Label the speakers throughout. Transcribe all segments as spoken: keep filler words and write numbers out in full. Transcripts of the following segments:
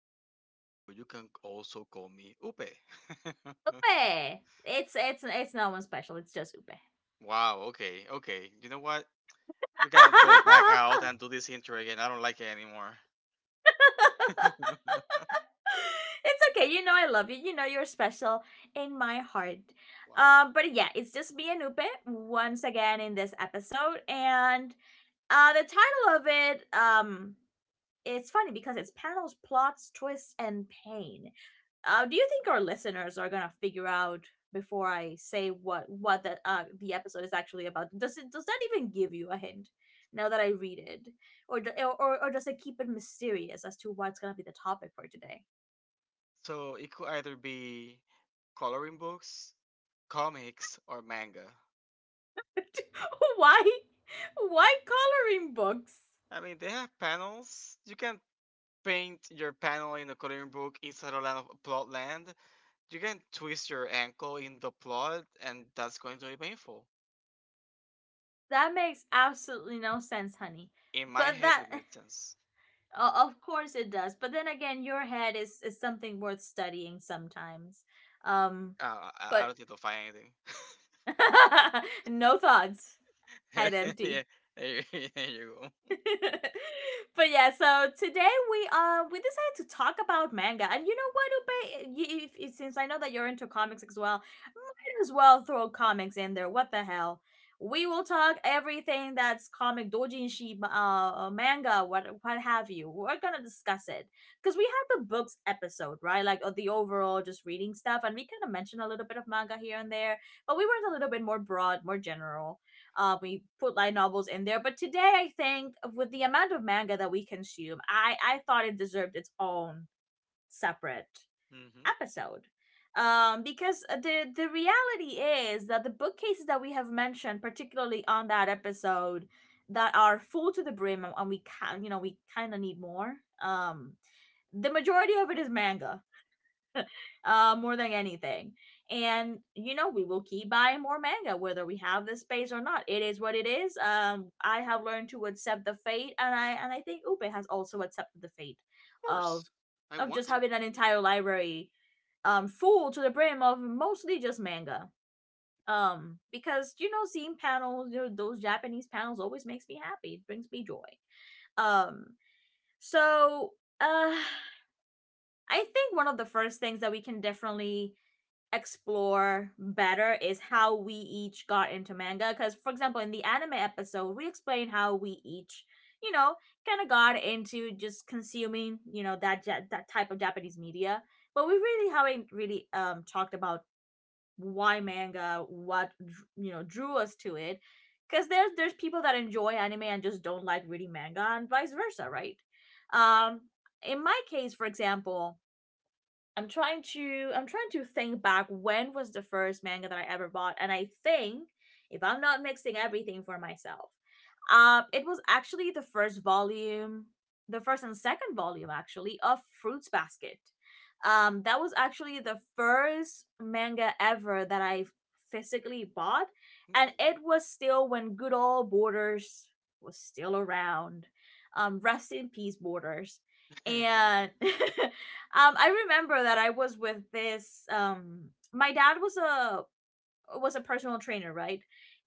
Speaker 1: U P E, but you can also call me Upe.
Speaker 2: Upe. It's it's it's no one special. It's just Upe.
Speaker 1: wow, okay, okay. You know what? We can go back out and do this intro again. I don't like it anymore.
Speaker 2: it's okay. You know I love you. You know you're special in my heart.
Speaker 1: wow.
Speaker 2: Um, but yeah, it's just me and Upe once again in this episode, and uh, the title of it, um, it's funny because it's panels, plots, twists, and pain. Uh, do you think our listeners are gonna figure out before I say what what the uh, the episode is actually about? Does it does that even give you a hint? Now that I read it, or, do- or or or does it keep it mysterious as to what's gonna be the topic for today?
Speaker 1: So it could either be coloring books, comics, or manga.
Speaker 2: Why? Why coloring books?
Speaker 1: I mean, they have panels. You can paint your panel in a coloring book inside a land of plot land. You can twist your ankle in the plot, and that's going to be painful.
Speaker 2: That makes absolutely no sense, honey.
Speaker 1: in my
Speaker 2: But
Speaker 1: head it
Speaker 2: that,
Speaker 1: makes sense.
Speaker 2: o- of course, it does. But then again, your head is is something worth studying sometimes. Um,
Speaker 1: Uh, I, I
Speaker 2: but
Speaker 1: don't need to find anything.
Speaker 2: no thoughts. Head
Speaker 1: yeah,
Speaker 2: empty.
Speaker 1: there you, there you go.
Speaker 2: but yeah, so today we uh we decided to talk about manga, and you know what, Ube? If, if- since I know that you're into comics as well, might as well throw comics in there. What the hell? We will talk everything that's comic doujinshi, uh, uh, manga, what what have you. We're gonna discuss it because we had the books episode, right? Like uh, the overall just reading stuff, and we kind of mentioned a little bit of manga here and there, but we went a little bit more broad, more general. Uh, we put light novels in there, but today I think with the amount of manga that we consume, I I thought it deserved its own separate
Speaker 1: hmm Of
Speaker 2: episode. Um, because the the reality is that the bookcases that we have mentioned, particularly on that episode, that are full to the brim and and we can, you know, we kind of need more. Um, the majority of it is manga, uh, more than anything. And you know, we will keep buying more manga, whether we have the space or not. It is what it is. Um, I have learned to accept the fate, and I and I think Upe has also accepted the fate of
Speaker 1: course, I
Speaker 2: of
Speaker 1: want
Speaker 2: just
Speaker 1: to.
Speaker 2: having an entire library, um, full to the brim of mostly just manga. Um, because, you know, seeing panels, you know, those Japanese panels always makes me happy. It brings me joy. Um, so uh, I think one of the first things that we can definitely explore better is how we each got into manga. Because, for example, in the anime episode, we explain how we each, you know, kind of got into just consuming, you know, that ja- that type of Japanese media. But we really haven't really um talked about why manga, what dr- you know, drew us to it. Because there's there's people that enjoy anime and just don't like reading manga, and vice versa, right? Um, in my case, for example, I'm trying to I'm trying to think back when was the first manga that I ever bought, and I think if I'm not mixing everything for myself, um, it was actually the first volume, the first and second volume actually of Fruits Basket. Um, that was actually the first manga ever that I physically bought, and it was still when good old Borders was still around. Um, rest in peace, Borders,
Speaker 1: Okay.
Speaker 2: and. Um, I remember that I was with this. Um, my dad. Was a was a personal trainer, right?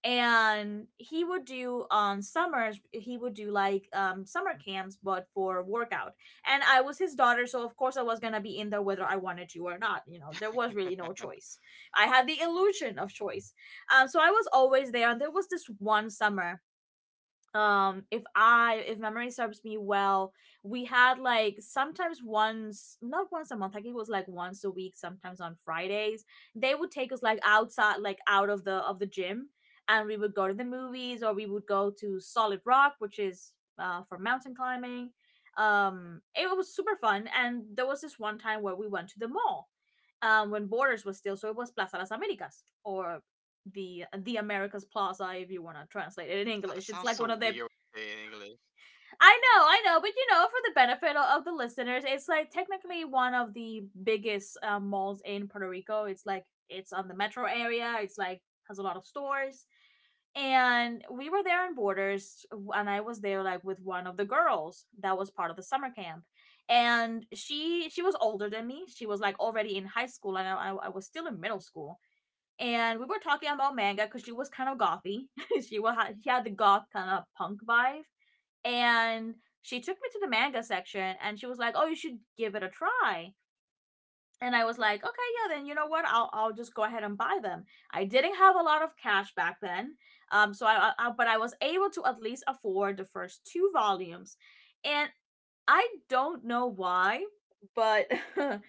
Speaker 2: And he would do on summers, he would do like, um, summer camps, but for workout. And I was his daughter, so of course I was gonna be in there whether I wanted to or not. You know, there was really no choice. I had the illusion of choice. Um, so I was always there. And there was this one summer, um, if i if memory serves me well, we had like sometimes once, not once a month, I think it was like once a week, sometimes on Fridays they would take us like outside, like out of the of the gym, and we would go to the movies, or we would go to Solid Rock, which is uh for mountain climbing. Um, it was super fun, and there was this one time where we went to the mall, um, when Borders was still. So it was Plaza Las Americas, or the the Americas Plaza, if you want to translate it in
Speaker 1: So-
Speaker 2: English. It's
Speaker 1: sounds
Speaker 2: like
Speaker 1: so
Speaker 2: one of the—
Speaker 1: weird to say in English.
Speaker 2: I know, I know, but you know, for the benefit o- of the listeners, it's like technically one of the biggest uh, malls in Puerto Rico. It's like it's on the metro area. It's like, has a lot of stores, and we were there on Borders, and I was there like with one of the girls that was part of the summer camp, and she she was older than me. She was like already in high school, and I, I I was still in middle school. And we were talking about manga because she was kind of gothy. she was she had the goth kind of punk vibe, and she took me to the manga section and she was like, "Oh, you should give it a try." And I was like, "Okay, yeah, then you know what? I'll I'll just go ahead and buy them." I didn't have a lot of cash back then, um, so I, I but I was able to at least afford the first two volumes, and I don't know why, but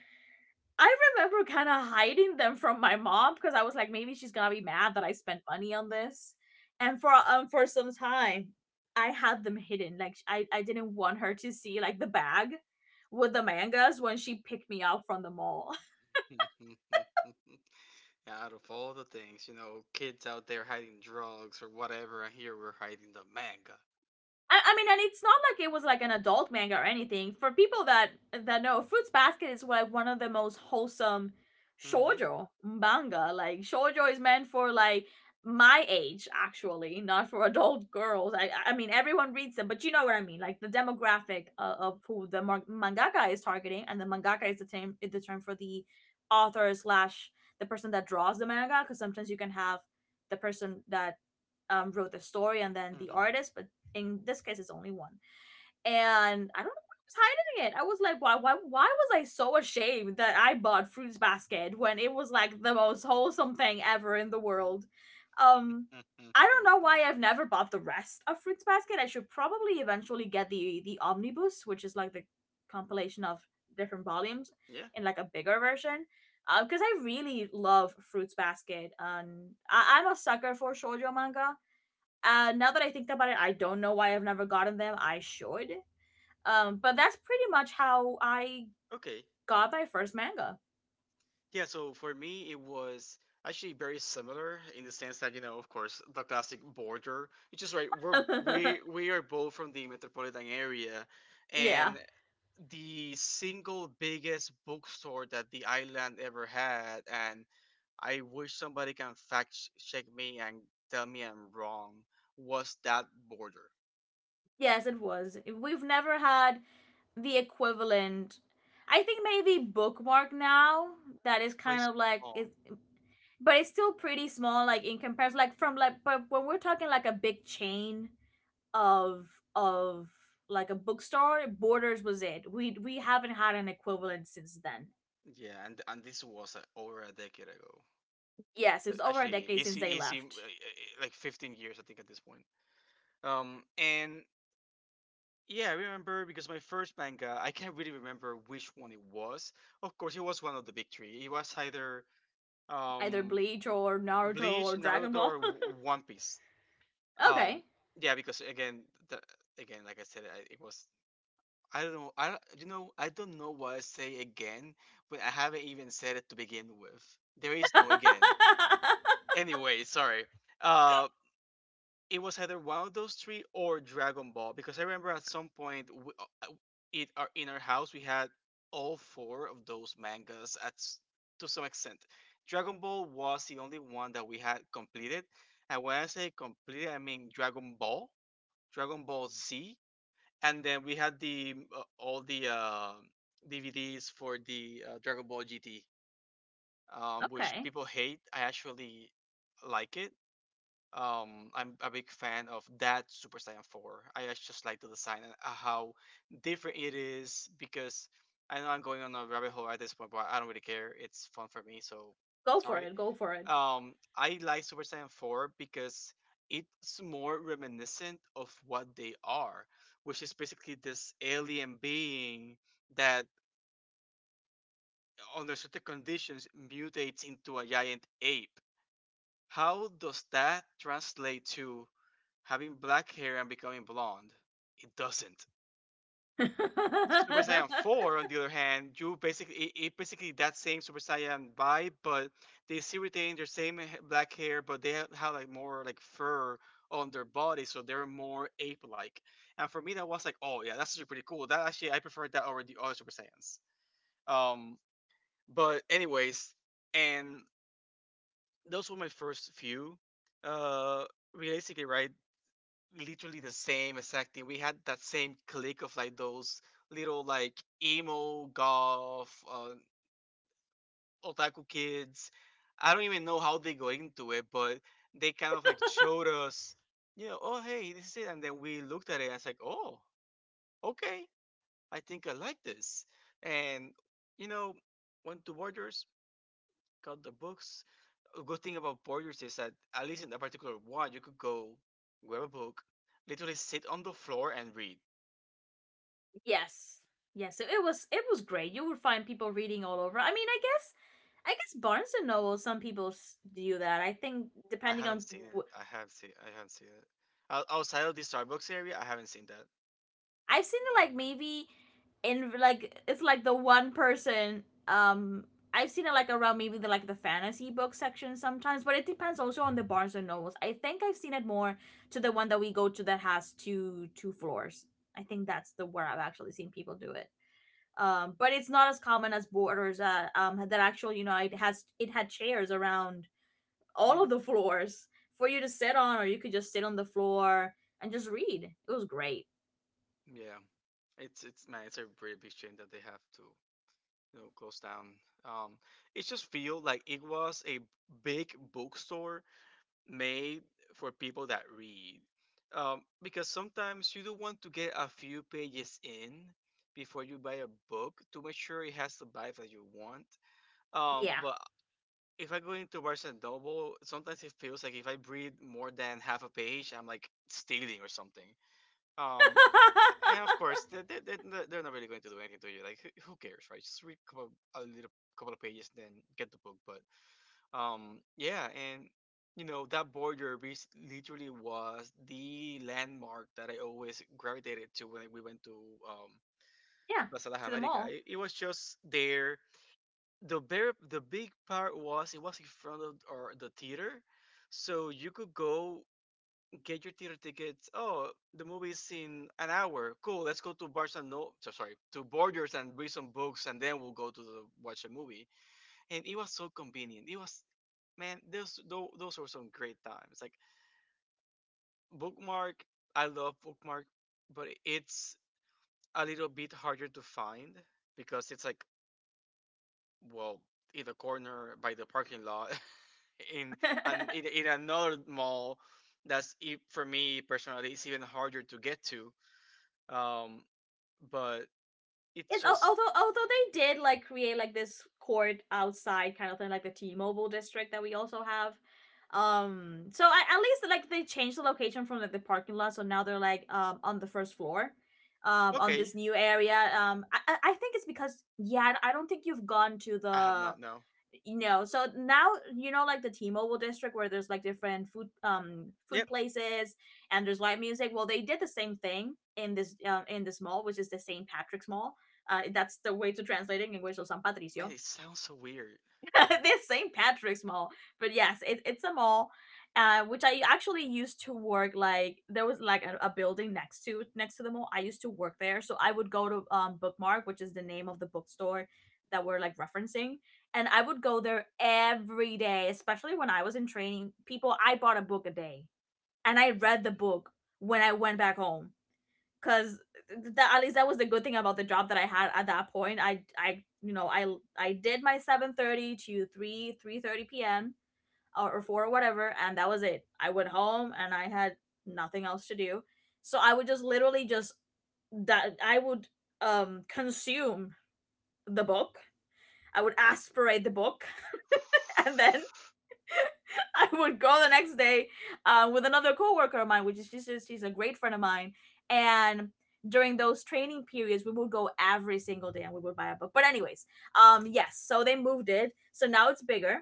Speaker 2: I remember kind of hiding them from my mom because I was like, maybe she's gonna be mad that I spent money on this. And for um for some time, I had them hidden. Like I I didn't want her to see like the bag with the mangas when she picked me up from the mall.
Speaker 1: Out of all the things, you know, kids out there hiding drugs or whatever, and here we're hiding the manga.
Speaker 2: I, I mean, and it's not like it was like an adult manga or anything. For people that that know, Fruits Basket is like one of the most wholesome
Speaker 1: hmm
Speaker 2: shoujo manga. Like shoujo is meant for like my age, actually, not for adult girls. I I mean, everyone reads them, but you know what I mean. Like the demographic, uh, of who the mangaka is targeting, and the mangaka is the term is the term for the author slash the person that draws the manga. Because sometimes you can have the person that, um, wrote the story and then the
Speaker 1: hmm
Speaker 2: artist, but in this case, it's only one. And I don't know why I was hiding it. I was like, why, why, why was I so ashamed that I bought Fruits Basket when it was like the most wholesome thing ever in the world? Um, I don't know
Speaker 1: hmm
Speaker 2: why I've never bought the rest of Fruits Basket. I should probably eventually get the the omnibus, which is like the compilation of different volumes
Speaker 1: Yeah.
Speaker 2: in like a bigger version. Because uh, I really love Fruits Basket, and I- I'm a sucker for shoujo manga. Uh, now that I think about it, I don't know why I've never gotten them. I should. Um, but that's pretty much how I
Speaker 1: Okay.
Speaker 2: got my first manga.
Speaker 1: Yeah, so for me, it was actually very similar in the sense that, you know, of course, the classic border, which is right, we're, we, we are both from the metropolitan area,
Speaker 2: Yeah.
Speaker 1: and the single biggest bookstore that the island ever had, and I wish somebody can fact ch- check me and tell me I'm wrong, was that border.
Speaker 2: Yes, it was. We've never had the equivalent. I think maybe Bookmark now. That is
Speaker 1: Wait,
Speaker 2: kind
Speaker 1: so
Speaker 2: of like
Speaker 1: small.
Speaker 2: it, but it's still pretty small. Like in comparison, like from like, but when we're talking like a big chain of of like a bookstore, Borders was it. We we haven't had an equivalent since then.
Speaker 1: Yeah, and, and this was uh, over a decade ago.
Speaker 2: Yes, it
Speaker 1: Uh,
Speaker 2: was over a
Speaker 1: Actually,
Speaker 2: decade since
Speaker 1: easy,
Speaker 2: they
Speaker 1: easy, uh,
Speaker 2: left.
Speaker 1: uh, like fifteen years, I think, at this point. Um, and yeah, I remember because my first manga, I can't really remember which one it was. Of course, it was one of the big three. It was either
Speaker 2: Either
Speaker 1: um,
Speaker 2: Bleach or Naruto
Speaker 1: Bleach,
Speaker 2: or Dragon
Speaker 1: Naruto, or
Speaker 2: Ball.
Speaker 1: W- One Piece. Um,
Speaker 2: Okay.
Speaker 1: yeah, because again, the, again, like I said, I, it was. I don't know. I don't, you know. I don't know why I say again, when I haven't even said it to begin with. There is no again. Anyway, sorry. Uh, it was either one of those three or Dragon Ball because I remember at some point w uh, uh, it our, in our house we had all four of those mangas at s- to some extent. Dragon Ball was the only one that we had completed, and when I say completed, I mean Dragon Ball, Dragon Ball Z, and then we had the uh, all the uh, D V Ds for the uh, Dragon Ball G T, um, which
Speaker 2: Okay.
Speaker 1: people hate. I actually like it. um I'm a big fan of that Super Saiyan four. I just just like the design and uh, how different it is because I know I'm going on a rabbit hole at this point, but I don't really care. It's fun for me, so
Speaker 2: Go for
Speaker 1: sorry.
Speaker 2: it. Go for it.
Speaker 1: Um, I like Super Saiyan four because it's more reminiscent of what they are, which is basically this alien being that under certain conditions mutates into a giant ape. How does that translate to having black hair and becoming blonde? It doesn't. Super Saiyan four, on the other hand, you basically it, it basically that same Super Saiyan vibe, but they still retain their same h- black hair, but they have, have like more like fur on their body, so they're more ape-like. And for me, that was like, oh yeah, that's actually pretty cool. That actually I preferred that over the other Super Saiyans. Um, but anyways, and those were my first few. Uh, Realistically, right? literally the same exact thing. We had that same clique of like those little like emo golf uh, otaku kids. I don't even know how they got into it, but they kind of like showed us, you know, oh hey, this is it, and then we looked at it. And it's like, oh, okay, I think I like this, and you know, went to Borders, got the books. A good thing about Borders is that at least in that particular one, you could go grab a book, literally sit on the floor and read.
Speaker 2: Yes. Yes, it it was it was great. You would find people reading all over. I mean, I guess I guess Barnes and Noble some people s- do that. I think
Speaker 1: I
Speaker 2: depending
Speaker 1: haven't
Speaker 2: on
Speaker 1: seen it.
Speaker 2: wh-
Speaker 1: I have seen. I haven't seen it. Out- Outside of the Starbucks area, I haven't seen that.
Speaker 2: I've seen it like maybe in like it's like the one person, um, I've seen it like around maybe the like the fantasy book section sometimes, but it depends also on the Barnes and Nobles. I think I've seen it more to the one that we go to that has two two floors. I think that's the where I've actually seen people do it. Um, but it's not as common as Borders that, um, that actual, you know, it has it had chairs around all
Speaker 1: hmm
Speaker 2: of the floors for you to sit on, or you could just sit on the floor and just read. It was great.
Speaker 1: Yeah, it's it's man, it's a pretty big shame that they have to you know close down. Um, it just feel like it was a big bookstore made for people that read. Um, because sometimes you do want to get a few pages in before you buy a book to make sure it has the vibe that you want. Um,
Speaker 2: Yeah.
Speaker 1: but if I go into towards a double, sometimes it feels like if I read more than half a page, I'm like stealing or something. Um, and of course, they, they, they're they're not really going to do anything to you. Like, who who cares, right? Just read couple, a little couple of pages, then get the book. But um, yeah, and you know that border res- literally was the landmark that I always gravitated to when we went to um,
Speaker 2: Yeah,
Speaker 1: Plaza Las
Speaker 2: to the
Speaker 1: Americas.
Speaker 2: mall.
Speaker 1: It, it was just there. The bear the big part was it was in front of or the theater. So you could go get your theater tickets. Oh, the movie is in an hour, cool. Let's go to bars and no, so- sorry, to borders and read some books, and then we'll go to the, watch a movie, and it was so convenient. It was man, those those, those were some great times. Like Bookmark, i love Bookmark. But it's a little bit harder to find because it's like, well, in the corner by the parking lot. in and in, in another mall that's e- for me personally, it's even harder to get to. um but it's
Speaker 2: It's
Speaker 1: just.
Speaker 2: although, although they did like create like this court outside kind of thing, like the T-Mobile district that we also have. Um, so I, at least like they changed the location from like the parking lot, so now they're like um on the first floor, um on this
Speaker 1: Okay.
Speaker 2: new area. Um, I I think it's because yeah, I don't think you've gone to
Speaker 1: I have
Speaker 2: the
Speaker 1: not. No.
Speaker 2: you know so now you know like the T-Mobile district where there's like different food um food
Speaker 1: Yep.
Speaker 2: places, and there's live music. Well, they did the same thing in this um in this mall, which is the St. Patrick's Mall. Uh, that's the way to translate it in English, so San
Speaker 1: Man,
Speaker 2: Patricio.
Speaker 1: it sounds so weird.
Speaker 2: This Saint Patrick's Mall. But yes, it, it's a mall. Uh, which I actually used to work, like there was like a, a building next to next to the mall. I used to work there, so I would go to um, Bookmark, which is the name of the bookstore that we're like referencing, and I would go there every day, especially when I was in training. People, I bought a book a day, and I read the book when I went back home, because that at least that was the good thing about the job that I had at that point. I I you know I I did my seven thirty to three three thirty p m. Or, or four or whatever, and that was it. I went home and I had nothing else to do, so I would just literally just that I would um consume the book. I would aspirate the book, and then I would go the next day, uh, with another coworker of mine, which is just she's a great friend of mine, and during those training periods we would go every single day and we would buy a book. But anyways, um yes, so they moved it, so now it's bigger.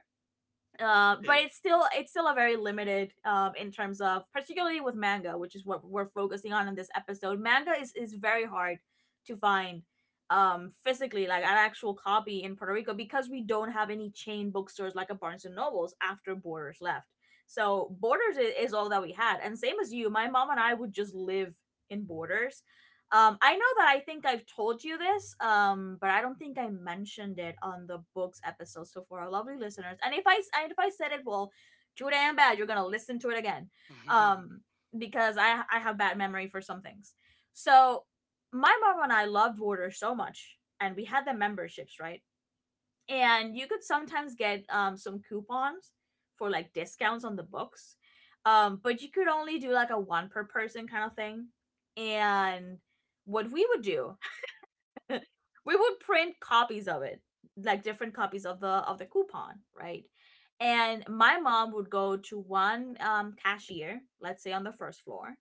Speaker 2: uh, But
Speaker 1: Okay.
Speaker 2: it's still it's still a very limited, um, in terms of particularly with manga, which is what we're focusing on in this episode. Manga is is very hard to find um physically, like an actual copy in Puerto Rico, because we don't have any chain bookstores like a Barnes and Nobles after Borders left. So Borders is, is all that we had, and same as you, my mom and I would just live in Borders. um, I know that I think I've told you this, um, but I don't think I mentioned it on the books episode. So for our lovely listeners, and if I s- and if I said it, well, too damn bad. You're gonna listen to it again,
Speaker 1: I think
Speaker 2: um, because I I have bad memory for some things. So my mom and I loved Warder so much, and we had the memberships, right? And you could sometimes get um, some coupons for like discounts on the books, um, but you could only do like a one per person kind of thing. And what we would do, we would print copies of it, like different copies of the of the coupon, right? And my mom would go to one um, cashier, let's say, on the first floor.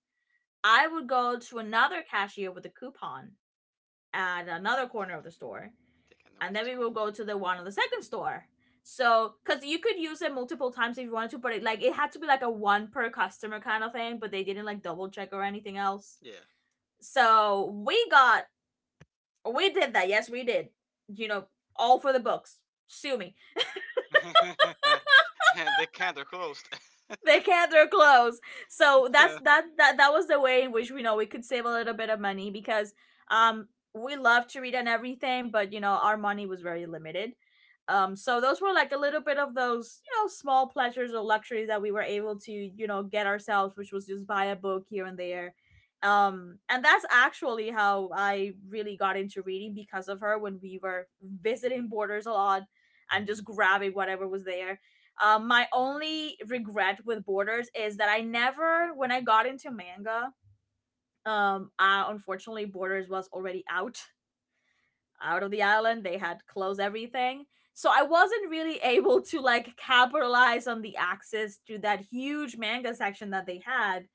Speaker 2: I would go to another cashier with a coupon at another corner of the store,
Speaker 1: i know where
Speaker 2: and
Speaker 1: this
Speaker 2: then
Speaker 1: is
Speaker 2: we will
Speaker 1: going.
Speaker 2: go to the one on the second store. So, because you could use it multiple times if you wanted to, but it, like it had to be like a one per customer kind of thing, but they didn't like double check or anything else.
Speaker 1: Yeah.
Speaker 2: So we got, we did that. Yes, we did. You know, all for the books. Sue me.
Speaker 1: The counter closed.
Speaker 2: They can't their clothes. So that's that that that was the way in which we know we could save a little bit of money, because um we love to read and everything, but you know our money was very limited. Um, so those were like a little bit of those you know small pleasures or luxuries that we were able to you know get ourselves, which was just buy a book here and there. Um, and that's actually how I really got into reading, because of her, when we were visiting Borders a lot and just grabbing whatever was there. Um, my only regret with Borders is that I never, when I got into manga, um, I unfortunately, Borders was already out out of the island. They had closed everything, so I wasn't really able to like capitalize on the access to that huge manga section that they had.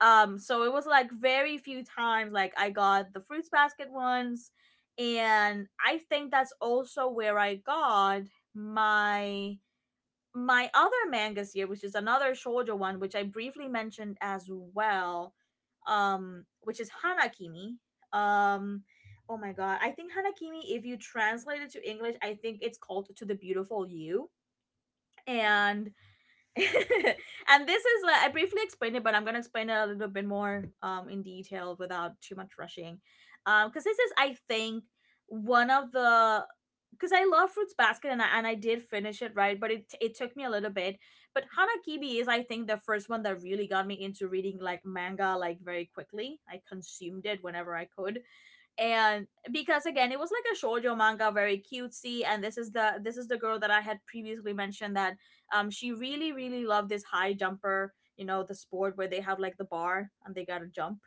Speaker 2: Um, so it was like very few times like I got the Fruits Basket ones, and I think that's also where I got my my other mangas here, which is another shoujo one, which I briefly mentioned as well, um, which is Hanakimi. Um, oh my god, I think Hanakimi, if you translate it to English, I think it's called To the Beautiful You.
Speaker 1: Me.
Speaker 2: And and this is like, I briefly explained it, but I'm gonna explain it a little bit more um in detail without too much rushing, um because this is I think one of the, because I love Fruits Basket, and I and I did finish it, right? But it it took me a little bit. But Hanakibi is, I think, the first one that really got me into reading like manga, like very quickly. I consumed it whenever I could, and because again it was like a shoujo manga, very cutesy. And this is the this is the girl that I had previously mentioned, that um she really really loved this high jumper. You know, the sport where they have like the bar, and they gotta jump,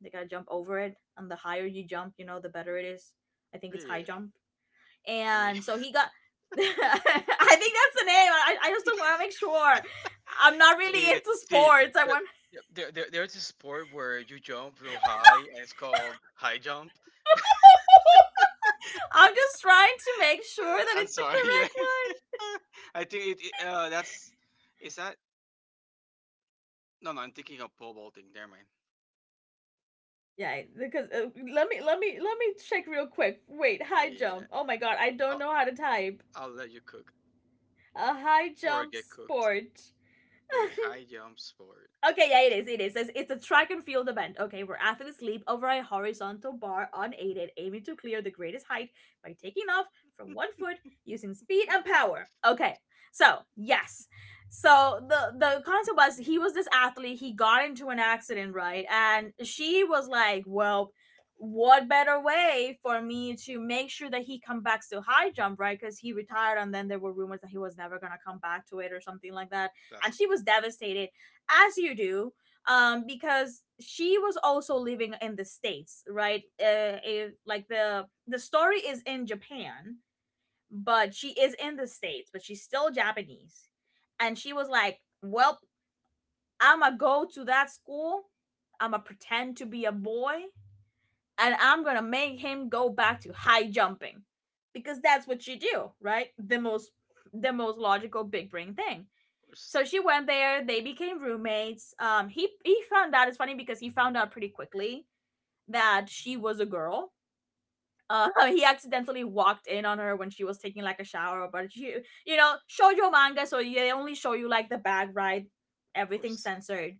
Speaker 2: they gotta jump over it, and the higher you jump, you know, the better it is. I think it's high
Speaker 1: Yeah,
Speaker 2: jump.
Speaker 1: I mean.
Speaker 2: And so he got, I think that's the name. i, I just don't want to make sure. I'm not really
Speaker 1: See,
Speaker 2: into
Speaker 1: see,
Speaker 2: sports. I
Speaker 1: the-
Speaker 2: want,
Speaker 1: there, there, there's a sport where you jump real high, and it's called high jump.
Speaker 2: I'm just trying to make
Speaker 1: Uh,
Speaker 2: sure that
Speaker 1: I'm
Speaker 2: it's the
Speaker 1: sorry, yeah.
Speaker 2: correct one.
Speaker 1: I think it, it, uh, that's, is that? No, no, I'm thinking of pole vaulting. Never mind.
Speaker 2: Yeah, because uh, let me let me let me check real quick. Wait, high
Speaker 1: Yeah,
Speaker 2: jump. Oh my god, I don't
Speaker 1: I'll,
Speaker 2: know how to type.
Speaker 1: I'll let you cook
Speaker 2: A high
Speaker 1: or
Speaker 2: jump
Speaker 1: get cooked.
Speaker 2: sport.
Speaker 1: A high jump sport.
Speaker 2: Okay,
Speaker 1: I'm
Speaker 2: yeah, it
Speaker 1: sure.
Speaker 2: is. It is. It's, it's a track and field event. Okay, where athletes leap over a horizontal bar unaided, aiming to clear the greatest height by taking off from one foot using speed and power. Okay, so yes, so the the concept was he
Speaker 1: Mm,
Speaker 2: was this athlete. He got into an accident, right? And she was like, "Well, what better way for me to make sure that he come back to high jump, right? Because he retired, and then there were rumors that he was never gonna come back to it or something like that." And
Speaker 1: Classic,
Speaker 2: she was devastated, as you do, um because she was also living in the States, right? uh it, like the the story is in Japan, but she is in the States, but she's still Japanese. And she was like, "Well, I'ma go to that school, I'ma pretend to be a boy, and I'm gonna make him go back to high jumping, because that's what you do, right? The most, the most logical, big brain thing."
Speaker 1: of course,
Speaker 2: So she went there, they became roommates. um he he found out, it's funny because he found out pretty quickly that she was a girl. Uh, he accidentally walked in on her when she was taking like a shower, but she, you know, shoujo manga, so they only show you like the bag ride,
Speaker 1: of
Speaker 2: everything
Speaker 1: course.
Speaker 2: censored.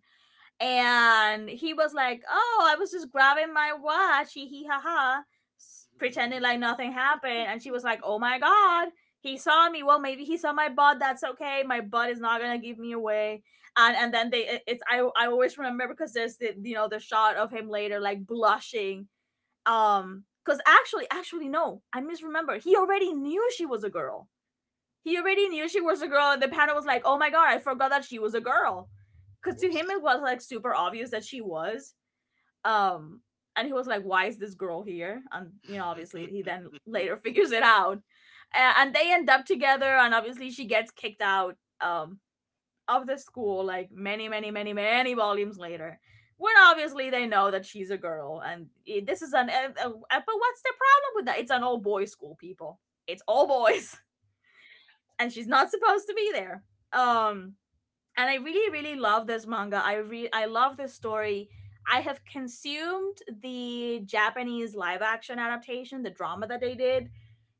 Speaker 2: And he was like, "Oh, I was just grabbing my watch, hee hee ha ha, s- pretending like nothing happened." And she was like, "Oh my god, he saw me. Well, maybe he saw my butt. That's okay. My butt is not gonna give me away." And and then they, it- it's I I always remember, because there's the you know the shot of him later like blushing, um, because actually actually no, I misremember. He already knew she was a girl. He already knew she was a girl, And the panda was like, "Oh my god, I forgot that she was a girl," because to him
Speaker 1: Whoops.
Speaker 2: it was like super obvious that she was. Um, and he was like, "Why is this girl here?" And you know, obviously, he then later figures it out. A- and they end up together. And obviously, she gets kicked out um of the school like many, many, many, many volumes later. When obviously they know that she's a girl, and i- this is an uh, uh, but what's the problem with that? It's an all boys school, people. It's all boys, and she's not supposed to be there. Um, and I really, really love this manga. I re- I love this story. I have consumed the Japanese live action adaptation, the drama that they did,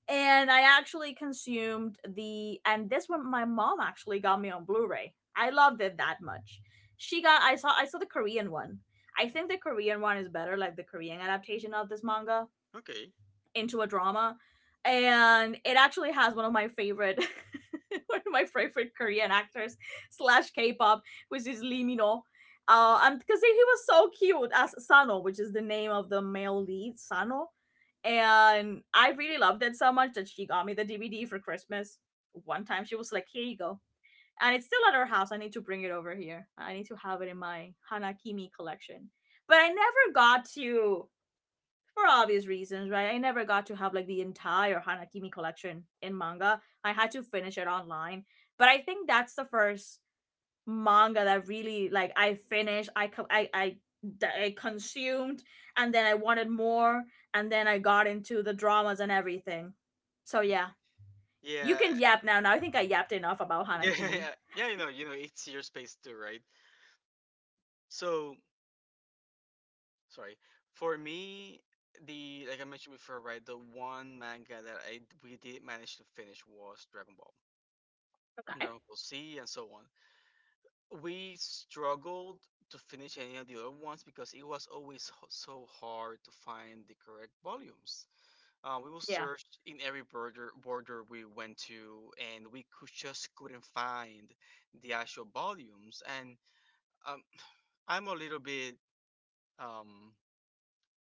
Speaker 2: and I actually consumed the and this one my mom actually got me on Blu-ray. I loved it that much. She got I saw I saw the Korean one. I think the Korean one is better, like the Korean adaptation of this manga,
Speaker 1: okay.
Speaker 2: into a drama, and it actually has one of my favorite one of my favorite Korean actors slash K-pop, which is Lee Min-ho. Uh, and because he was so cute as Sano, which is the name of the male lead Sano, and I really loved it so much that she got me the DVD for Christmas one time. She was like, "Here you go." And it's still at her house. I need to bring it over here. I need to have it in my Hanakimi collection, but I never got to, for obvious reasons, right? I never got to have like the entire Hanakimi collection in manga. I had to finish it online, but I think that's the first manga that really like I finished. I I I I consumed, and then I wanted more, and then I got into the dramas and everything. So yeah, you
Speaker 1: Yeah,
Speaker 2: can yap now. Now I think I yapped enough about Hanakimi.
Speaker 1: yeah, yeah. You know, you know, it's your space too, right? So sorry. For me, the like I mentioned before, right? The one manga that I we did manage to finish was Dragon Ball,
Speaker 2: Okay.
Speaker 1: Dragon Ball Z, and so on. We struggled to finish any of the other ones because it was always h- so hard to find the correct volumes. Uh, we will
Speaker 2: Yeah.
Speaker 1: search in every border border we went to, and we could just couldn't find the actual volumes. And um, I'm a little bit um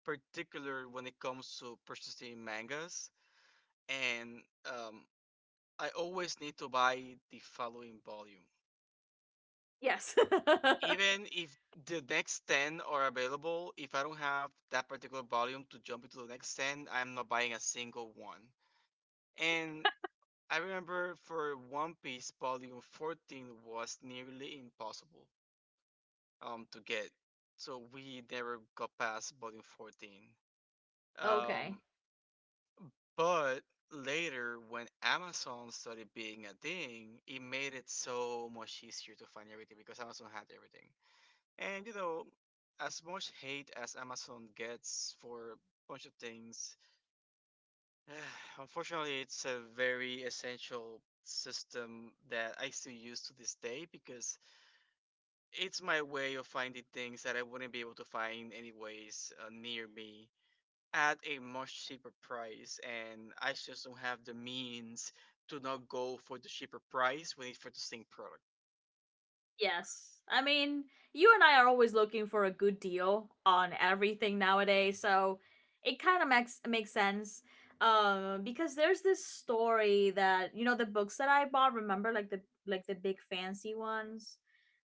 Speaker 1: particular when it comes to purchasing mangas, and um, I always need to buy the following volume.
Speaker 2: Yes.
Speaker 1: Even if the next ten are available, if I don't have that particular volume to jump into the next ten, I'm not buying a single one. And I remember for One Piece, volume fourteen was nearly impossible um, to get. So we never got past volume fourteen.
Speaker 2: okay.
Speaker 1: Um, But later, when Amazon started being a thing, it made it so much easier to find everything because Amazon had everything. And you know, as much hate as Amazon gets for a bunch of things, unfortunately, it's a very essential system that I still use to this day because it's my way of finding things that I wouldn't be able to find anyways uh, near me at a much cheaper price, and I just don't have the means to not go for the cheaper price when it's for the same product.
Speaker 2: Yes. I mean, you and I are always looking for a good deal on everything nowadays, so it kind of makes makes sense. Um, because there's this story that, you know, the books that I bought. Remember, like the like the big fancy ones.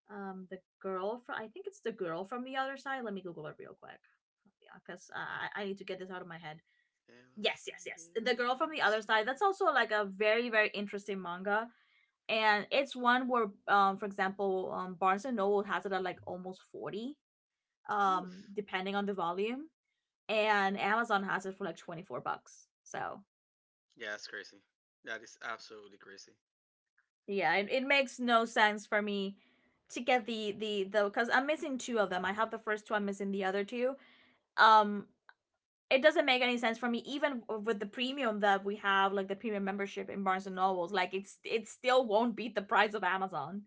Speaker 2: Um, the girl from, I think it's The Girl from the Other Side. Let me Google it real quick. Yeah, because uh, I I need to get this out of my head.
Speaker 1: Hello
Speaker 2: Yes,
Speaker 1: from
Speaker 2: yes, yes.
Speaker 1: the
Speaker 2: The Girl from
Speaker 1: other
Speaker 2: the Other Side. That's
Speaker 1: side.
Speaker 2: also like a very, very interesting manga, and it's one where, um for example, um Barnes and Noble has it at like almost forty, um,
Speaker 1: Oof.
Speaker 2: depending on the volume, and Amazon has it for like twenty-four bucks. So
Speaker 1: Yeah, that's crazy. That is absolutely crazy.
Speaker 2: yeah, it, it makes no sense for me to get the the the because I'm missing two of them. I have the first two. I'm missing the other two. Um, it doesn't make any sense for me. Even with the premium that we have, like the premium membership in Barnes and Nobles, like it's it still won't beat the price of Amazon.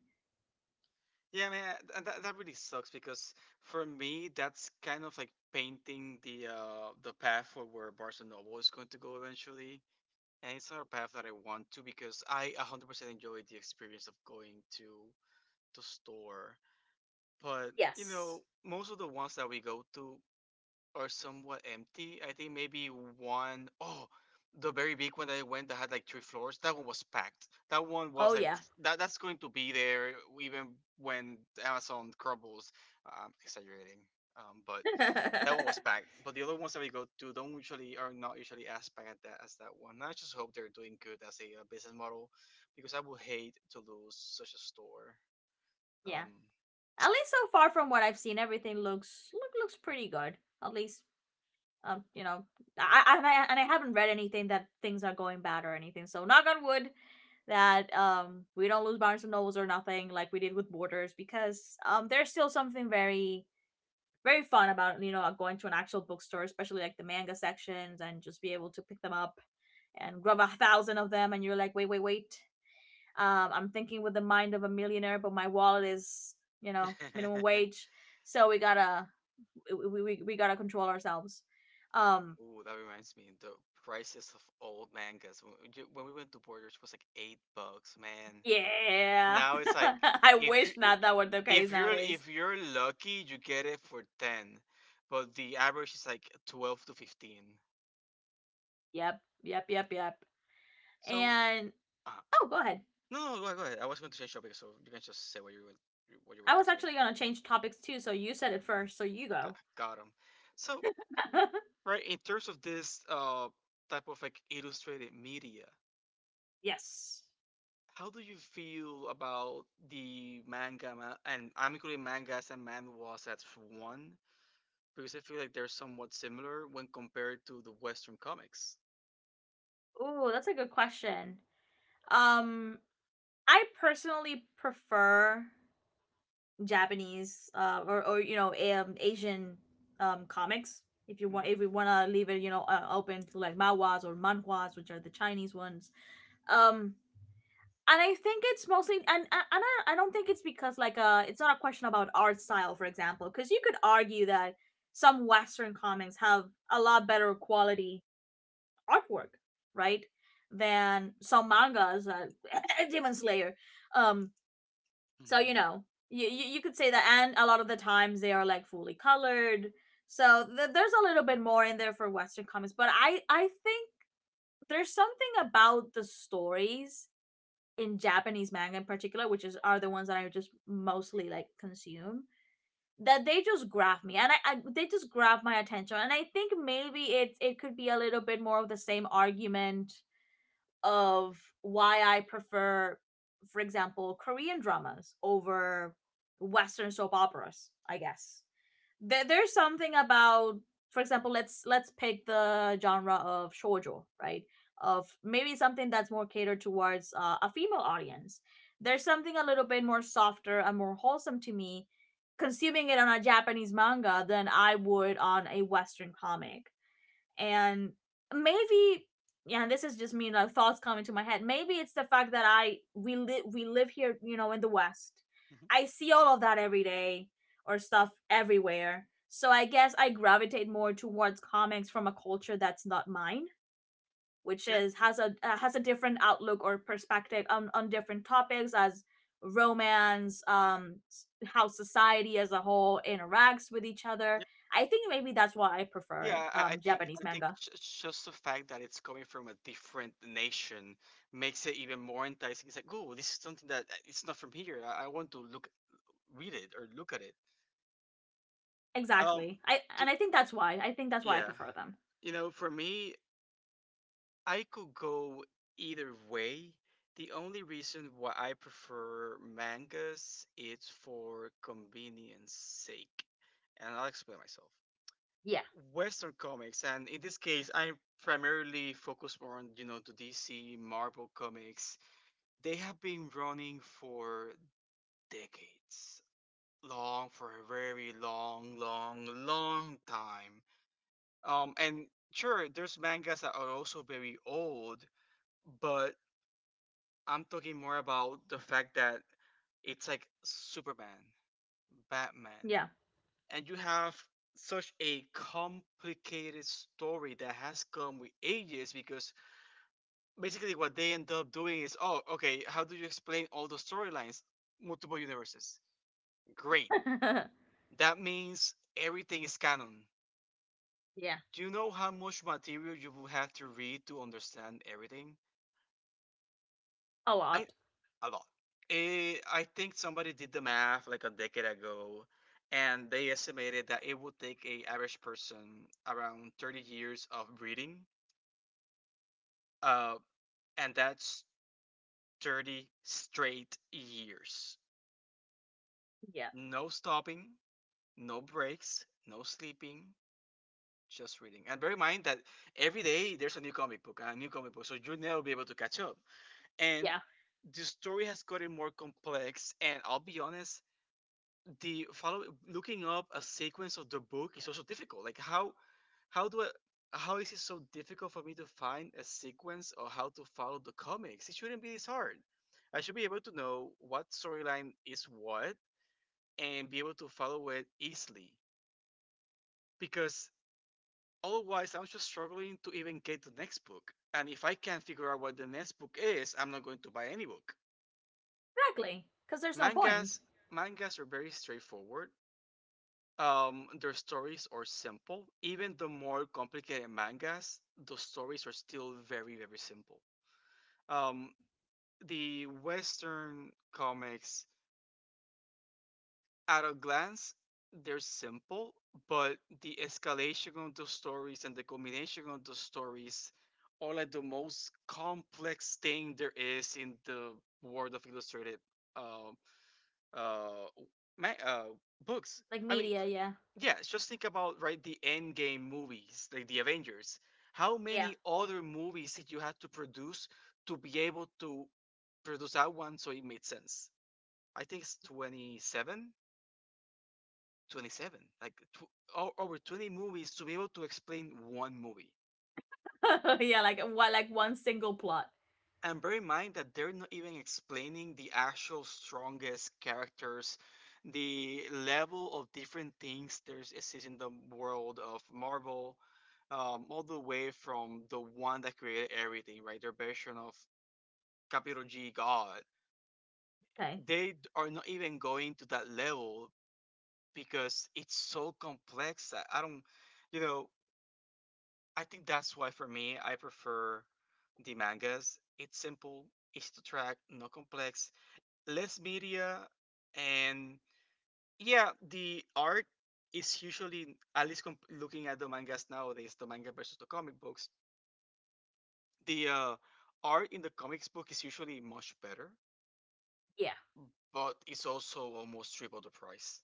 Speaker 1: Yeah, man, and that, that really sucks because for me that's kind of like painting the uh the path for where Barnes and Noble is going to go eventually, and it's not a path that I want to because I one hundred percent enjoy the experience of going to the store. But, you
Speaker 2: Yes.
Speaker 1: know, most of the ones that we go to are somewhat empty. I think maybe one, oh, the very big one that I went that had like three floors, that one was packed. That one was
Speaker 2: Oh
Speaker 1: like,
Speaker 2: yeah.
Speaker 1: that, that's going to be there even when Amazon crumbles. i exaggerating. Um, but that one was packed. But the other ones that we go to don't usually are not usually as packed at that as that one. And I just hope they're doing good as a uh, business model because I would hate to lose such a store.
Speaker 2: yeah.
Speaker 1: Um,
Speaker 2: At least so far from what I've seen, everything looks look, looks pretty good. At least, um, you know, I, I- and I and I haven't read anything that things are going bad or anything. So knock on wood that um we don't lose Barnes and Nobles or nothing like we did with Borders, because um there's still something very, very fun about, you know, uh, going to an actual bookstore, especially like the manga sections, and just be able to pick them up and grab a thousand of them, and you're like, wait, wait, wait. Um, I'm thinking with the mind of a millionaire, but my wallet is, you know, minimum wage. So we gotta we we, we gotta control ourselves. Um,
Speaker 1: Ooh, that reminds me, the prices of old mangas. When we ju- when we went to Borders, it was like eight bucks, man.
Speaker 2: yeah,
Speaker 1: Now it's like
Speaker 2: I
Speaker 1: if you
Speaker 2: wish
Speaker 1: i-
Speaker 2: not that were the
Speaker 1: if
Speaker 2: case
Speaker 1: you're
Speaker 2: nowadays.
Speaker 1: if you're lucky, you get it for ten, but the average is like twelve to fifteen.
Speaker 2: Yep, yep, yep, yep.
Speaker 1: So,
Speaker 2: And
Speaker 1: uh,
Speaker 2: oh, go ahead.
Speaker 1: no, no, go go ahead. I was going to change topic, so you can just say what you went what you were
Speaker 2: I
Speaker 1: going
Speaker 2: was
Speaker 1: to say.
Speaker 2: actually gonna change topics too, so you said it first, so you
Speaker 1: Ah,
Speaker 2: go.
Speaker 1: got him. So, right, in terms of this uh type of like illustrated media,
Speaker 2: Yes.
Speaker 1: how do you feel about the manga ma- and amicably mangas and manhwas as one? Because I feel like they're somewhat similar when compared to the Western comics.
Speaker 2: Ooh, that's a good question. Um, I personally prefer Japanese uh, or or you know um, Asian, um, comics. If you
Speaker 1: Mhm.
Speaker 2: want, if we want to leave it, you know, uh, open to like manhwas or manhwas, which are the Chinese ones. Um, and I think it's mostly, and and I, I don't think it's because like uh, it's not a question about art style, for example, because you could argue that some Western comics have a lot better quality artwork, right? Than some mangas, uh, Demon Slayer, um, so you
Speaker 1: Mhm.
Speaker 2: know, you you, you could say that, and a lot of the times they are like fully colored. So th- there's a little bit more in there for Western comics, but I I think there's something about the stories in Japanese manga in particular, which is are the ones that I just mostly like consume, that they just grab me, and I, I they just grab my attention. And I think maybe it it could be a little bit more of the same argument of why I prefer, for example, Korean dramas over Western soap operas. I guess there, there's something about, for example, let's let's pick the genre of shoujo, right? Of maybe something that's more catered towards uh, a female audience. There's something a little bit more softer and more wholesome to me consuming it on a Japanese manga than I would on a Western comic. And maybe, yeah, this is just me like thoughts coming to my head. Maybe it's the fact that I we live we live here, you know, in the West.
Speaker 1: Mhm.
Speaker 2: I see all of that every day or stuff everywhere, so I guess I gravitate more towards comics from a culture that's not mine, which
Speaker 1: Yeah,
Speaker 2: is has a uh, has a different outlook or perspective on, on different topics as romance, um, how society as a whole interacts with each other.
Speaker 1: yeah,
Speaker 2: I think maybe that's why I prefer it,
Speaker 1: yeah. I, I
Speaker 2: um,
Speaker 1: think
Speaker 2: Japanese
Speaker 1: I think
Speaker 2: manga.
Speaker 1: j- just the fact that it's coming from a different nation makes it even more enticing. It's like, oh, this is something that uh, it's not from here. I, I want to look, read it or look at it. Um,
Speaker 2: Exactly. I
Speaker 1: to,
Speaker 2: and I think that's why. I think that's why I
Speaker 1: yeah,
Speaker 2: prefer them.
Speaker 1: you know, for me, I could go either way. The only reason why I prefer mangas is for convenience sake. And I'll explain myself.
Speaker 2: Yeah.
Speaker 1: Western comics, and in this case, I primarily focus more on, you know, the D C, Marvel comics. They have been running for decades. Long, for a very long, long, long time. Um, and sure, there's mangas that are also very old, but I'm talking more about the fact that it's like Superman, Batman,
Speaker 2: Yeah.
Speaker 1: and you have such a complicated story that has come with ages. Because basically what they end up doing is, oh, okay, how do you explain all the storylines? Multiple universes, great, that means everything is canon.
Speaker 2: yeah,
Speaker 1: Do you know how much material you will have to read to understand everything?
Speaker 2: a
Speaker 1: I
Speaker 2: lot.
Speaker 1: A lot. Eh, I think somebody did the math like a decade ago, and they estimated that it would take a average person around thirty years of breeding, uh, and that's thirty straight years.
Speaker 2: Yeah.
Speaker 1: No stopping, no breaks, no sleeping, just reading. And bear in mind that every day there's a new comic book and a new comic book, so you'll never be able to catch up. And
Speaker 2: Yeah,
Speaker 1: the story has gotten more complex, and I'll be honest, the follow looking up a sequence of the book is also difficult. Like how how do I how is it so difficult for me to find a sequence or how to follow the comics? It shouldn't be this hard. I should be able to know what storyline is what and be able to follow it easily. Because otherwise I'm just struggling to even get the next book. And if I can't figure out what the next book is, I'm not going to buy any book.
Speaker 2: exactly. Because there's no point.
Speaker 1: Mangas mangas are very straightforward. Um, their stories are simple. Even the more complicated mangas, those stories are still very, very simple. Um, the Western comics, at a glance, they're simple, but the escalation of those stories and the combination of those stories are like the most complex thing there is in the world of illustrated uh, uh, ma- uh, books.
Speaker 2: Like
Speaker 1: I mean,
Speaker 2: media,
Speaker 1: f-
Speaker 2: yeah.
Speaker 1: yeah, just think about, right, the Endgame movies, like the Avengers. How many other movies did you have to produce to be able to produce that one so it made sense? I think it's twenty seven, twenty seven. Like tw- o- over twenty movies to be able to explain one movie.
Speaker 2: Yeah. yeah, like what, like one single plot.
Speaker 1: And bear in mind that they're not even explaining the actual strongest characters, the level of different things there's exist in the world of Marvel, um, all the way from the one that created everything, right? Their version of capital G God.
Speaker 2: Okay.
Speaker 1: They d- are not even going to that level because it's so complex that I don't, you know, I think that's why for me I prefer the mangas. It's simple, easy to track, not complex, less media, and yeah, the art is usually at least comp- looking at the mangas nowadays, the manga versus the comic books, the uh, art in the comics book is usually much better,
Speaker 2: Yeah.
Speaker 1: but it's also almost triple the price.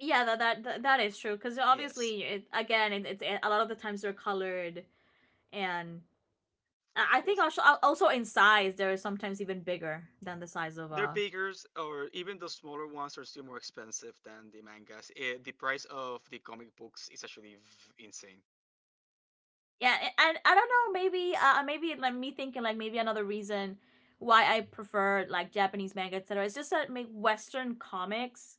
Speaker 2: Yeah, that that that, that is true. Because
Speaker 1: Yes.
Speaker 2: obviously, it, again, it, it's it, a lot of the times they're colored, and I think
Speaker 1: Yes,
Speaker 2: also also in size they're sometimes even bigger than the size of
Speaker 1: they're
Speaker 2: a.
Speaker 1: bigger, or even the smaller ones are still more expensive than the mangas. Eh, the price of the comic books is actually v- insane.
Speaker 2: Yeah, a- and I don't know. Maybe, uh, maybe like me thinking like maybe another reason why I prefer like Japanese manga, et cetera. It's just that make Western comics,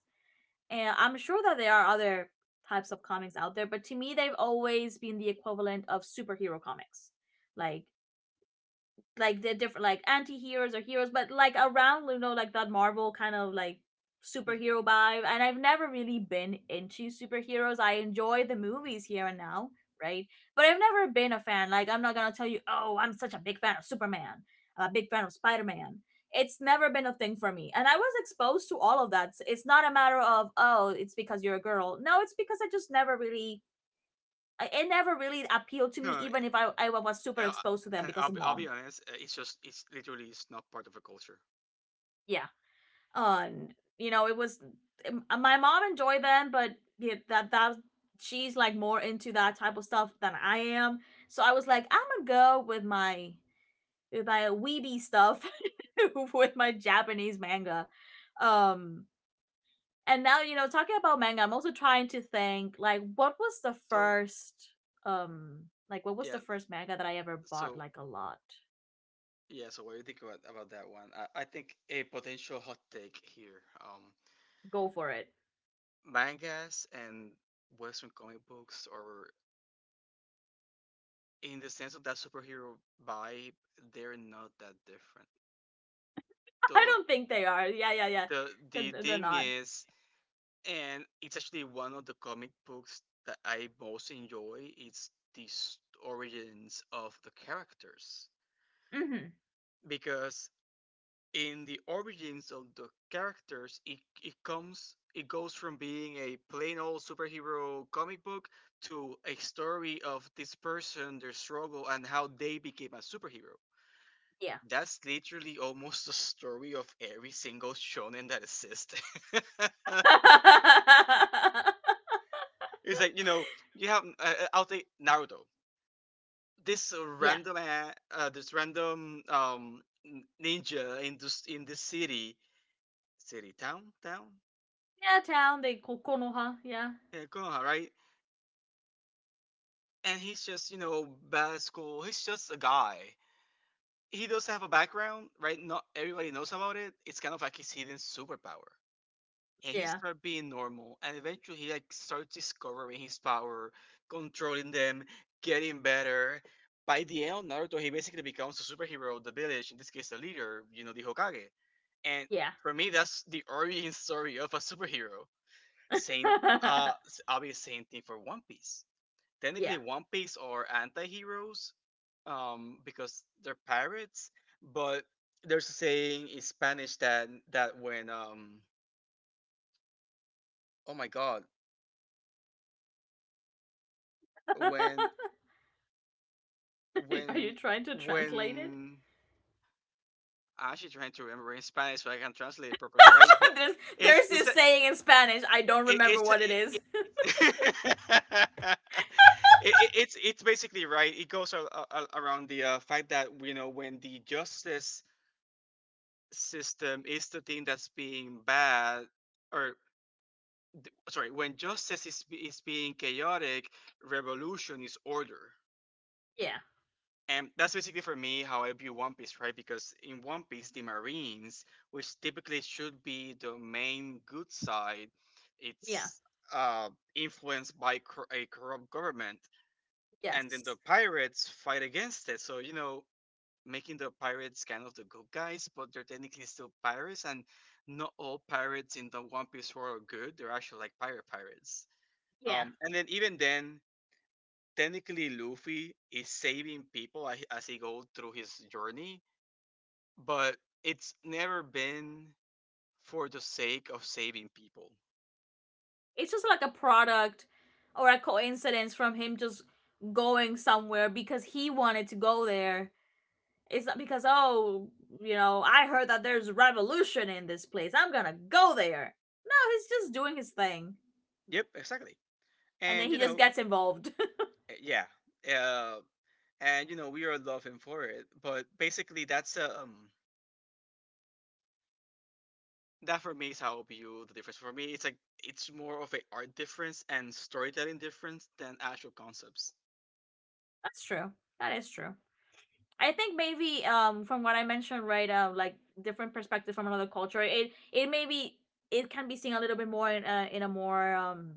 Speaker 2: and I'm sure that there are other types of comics out there, but to me, they've always been the equivalent of superhero comics. Like like the different like anti-heroes or heroes, but like around, you know, like that Marvel kind of like
Speaker 1: Mhm.
Speaker 2: superhero vibe. And I've never really been into superheroes. I enjoy the movies here and now, right? But I've never been a fan. Like, I'm not gonna tell you, oh, I'm such a big fan of Superman. I'm a big fan of Spider-Man. It's never been a thing for me, and I was exposed to all of that. It's not a matter of, oh, it's because you're a girl. No, it's because I just never really, it never really appealed to me,
Speaker 1: No,
Speaker 2: even if i, I was super
Speaker 1: uh,
Speaker 2: exposed to them
Speaker 1: and
Speaker 2: because
Speaker 1: I'll,
Speaker 2: of
Speaker 1: be- I'll be
Speaker 2: Mom.
Speaker 1: honest, uh, it's just it's literally it's not part of the culture.
Speaker 2: Yeah on. You know, it was my mom enjoyed them, but yeah, that that she's like more into that type of stuff than I am. So I was like, I'm gonna go with my with my weeby stuff, with my Japanese manga. Um, and now, you know, talking about manga, I'm also trying to think like, what was the
Speaker 1: So,
Speaker 2: first, um, like what was
Speaker 1: yeah.
Speaker 2: the first manga that I ever bought
Speaker 1: So
Speaker 2: like a lot?
Speaker 1: yeah. So what do you think about, about that one? I, I think a potential hot take here. Um,
Speaker 2: Go for it.
Speaker 1: mangas and Western comic books, or in the sense of that superhero vibe, they're not that different.
Speaker 2: I
Speaker 1: So
Speaker 2: don't think they are. Yeah, yeah, yeah.
Speaker 1: the the
Speaker 2: They're, they're
Speaker 1: thing
Speaker 2: not.
Speaker 1: is, and it's actually one of the comic books that I most enjoy. It's the s- origins of the characters,
Speaker 2: Hmm.
Speaker 1: because in the origins of the characters, it, it comes it goes from being a plain old superhero comic book to a story of this person, their struggle, and how they became a superhero.
Speaker 2: Yeah.
Speaker 1: That's literally almost the story of every single shonen that exists. It's like, you know, you have uh, uh, I'll take Naruto, this uh,
Speaker 2: yeah.
Speaker 1: random uh, uh, this random um ninja in this in this city city town town.
Speaker 2: Yeah, town, they ko- Konoha. Yeah.
Speaker 1: Yeah, Konoha, right? And he's just, you know, bad at school. He's just a guy. He does have a background, right? Not everybody knows about it. It's kind of like his hidden superpower. And he
Speaker 2: Yeah.
Speaker 1: started being normal, and eventually he like starts discovering his power, controlling them, getting better. By the end of Naruto, he basically becomes a superhero of the village. In this case, the leader, you know, the Hokage. And
Speaker 2: Yeah.
Speaker 1: for me, that's the origin story of a superhero. Same, uh, s- obvious same thing for One Piece.
Speaker 2: yeah.
Speaker 1: Technically One Piece are anti-heroes, um, because they're pirates. But there's a saying in Spanish that that when um oh my god, when
Speaker 2: Are you
Speaker 1: when
Speaker 2: trying to translate it?
Speaker 1: when I'm actually trying to remember in Spanish so I can translate it properly, right? But
Speaker 2: there's,
Speaker 1: it's
Speaker 2: there's
Speaker 1: it's
Speaker 2: this
Speaker 1: a
Speaker 2: saying in Spanish. I don't
Speaker 1: it,
Speaker 2: remember
Speaker 1: it's a,
Speaker 2: what it
Speaker 1: it,
Speaker 2: is.
Speaker 1: it, it's it, it, it's it's basically, right. It goes a, a, a- around the uh, fact that, you know, when the justice system is the thing that's being bad, or sorry, when justice is, is being chaotic, revolution is order.
Speaker 2: Yeah.
Speaker 1: And that's basically, for me, how I view One Piece, right? Because in One Piece, the marines, which typically should be the main good side,
Speaker 2: Yeah.
Speaker 1: it's uh, influenced by cor- a corrupt government, and then the
Speaker 2: Yes.
Speaker 1: pirates fight against it. So, you know, making the pirates kind of the good guys, but they're technically still pirates, and not all pirates in the One Piece world are good. They're actually like pirate pirates.
Speaker 2: Yeah.
Speaker 1: Um, and then even then, technically Luffy is saving people as as he goes through his journey, but it's never been for the sake of saving people.
Speaker 2: It's just like a product or a coincidence from him just going somewhere because he wanted to go there. It's not because, oh, you know, I heard that there's revolution in this place. I'm gonna go there. No, he's just doing his thing.
Speaker 1: Yep, exactly.
Speaker 2: And then
Speaker 1: And you
Speaker 2: he just
Speaker 1: know,
Speaker 2: gets involved.
Speaker 1: eh, yeah, uh, and you know, we are loving for it, but basically that's a um, that, for me, is how I view the difference. For me, it's like it's more of a art difference and storytelling difference than actual concepts.
Speaker 2: That's true. That is true. I think maybe um from what I mentioned, right, um, like different perspective from another culture, it it maybe it can be seen a little bit more in a in a more, um,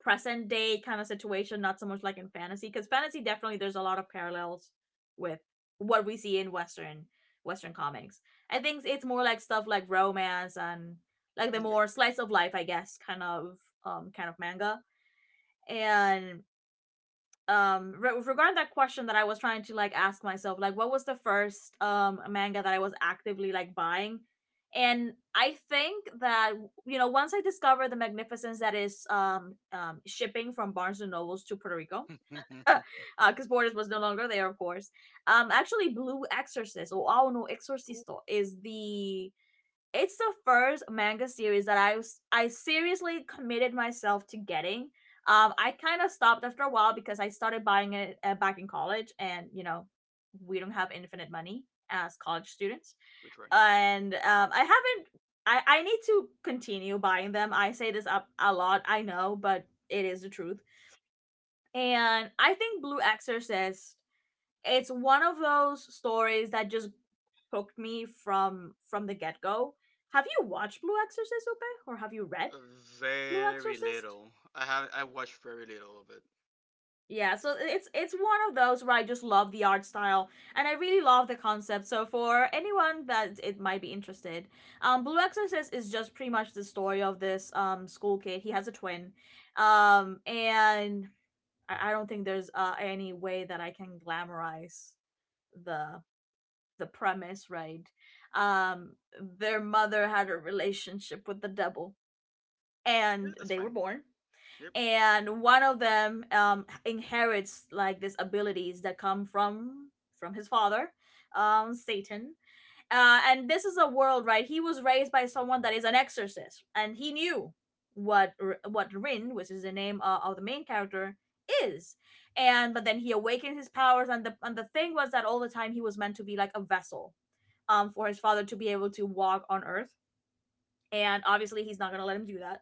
Speaker 2: present day kind of situation, not so much like in fantasy, because fantasy definitely there's a lot of parallels with what we see in Western Western comics. I think it's more like stuff like romance and like the
Speaker 1: Okay.
Speaker 2: more slice of life, I guess, kind of um kind of manga. And um re- with regard to that question that I was trying to like ask myself, like what was the first um manga that I was actively like buying. And I think that, you know, once I discovered the magnificence that is, um, um shipping from Barnes and Nobles to Puerto Rico, because uh, Borders was no longer there, of course. Um, actually Blue Exorcist or Ao no
Speaker 1: Ooh,
Speaker 2: Exorcisto is the it's the first manga series that I was I seriously committed myself to getting. Um, I kind of stopped after a while because I started buying it uh, back in college, and you know, we don't have infinite money as college students,
Speaker 1: which way?
Speaker 2: and um, I haven't. I I need to continue buying them. I say this up a lot, I know, but it is the truth. And I think Blue Exorcist. It's one of those stories that just hooked me from from the get go. Have you watched Blue Exorcist, Upe, or have you read
Speaker 1: Uh,
Speaker 2: Blue
Speaker 1: Very
Speaker 2: Exorcist?
Speaker 1: little. I have I watched very little of it.
Speaker 2: Yeah, so it's it's one of those where I just love the art style and I really love the concept. So for anyone that it might be interested, um, Blue Exorcist is just pretty much the story of this um school kid. He has a twin, um, and I, I don't think there's uh, any way that I can glamorize the the premise, right? Um, their mother had a relationship with the devil,
Speaker 1: Yeah,
Speaker 2: and
Speaker 1: that's
Speaker 2: they were
Speaker 1: fine.
Speaker 2: born.
Speaker 1: Yep,
Speaker 2: And one of them um, inherits like these abilities that come from from his father, um, Satan. Uh, and this is a world, right? He was raised by someone that is an exorcist, and he knew what what Rin, which is the name uh, of the main character, is. And but then he awakened his powers, and the and the thing was that all the time he was meant to be like a vessel um, for his father to be able to walk on Earth. And obviously, he's not gonna let him do that.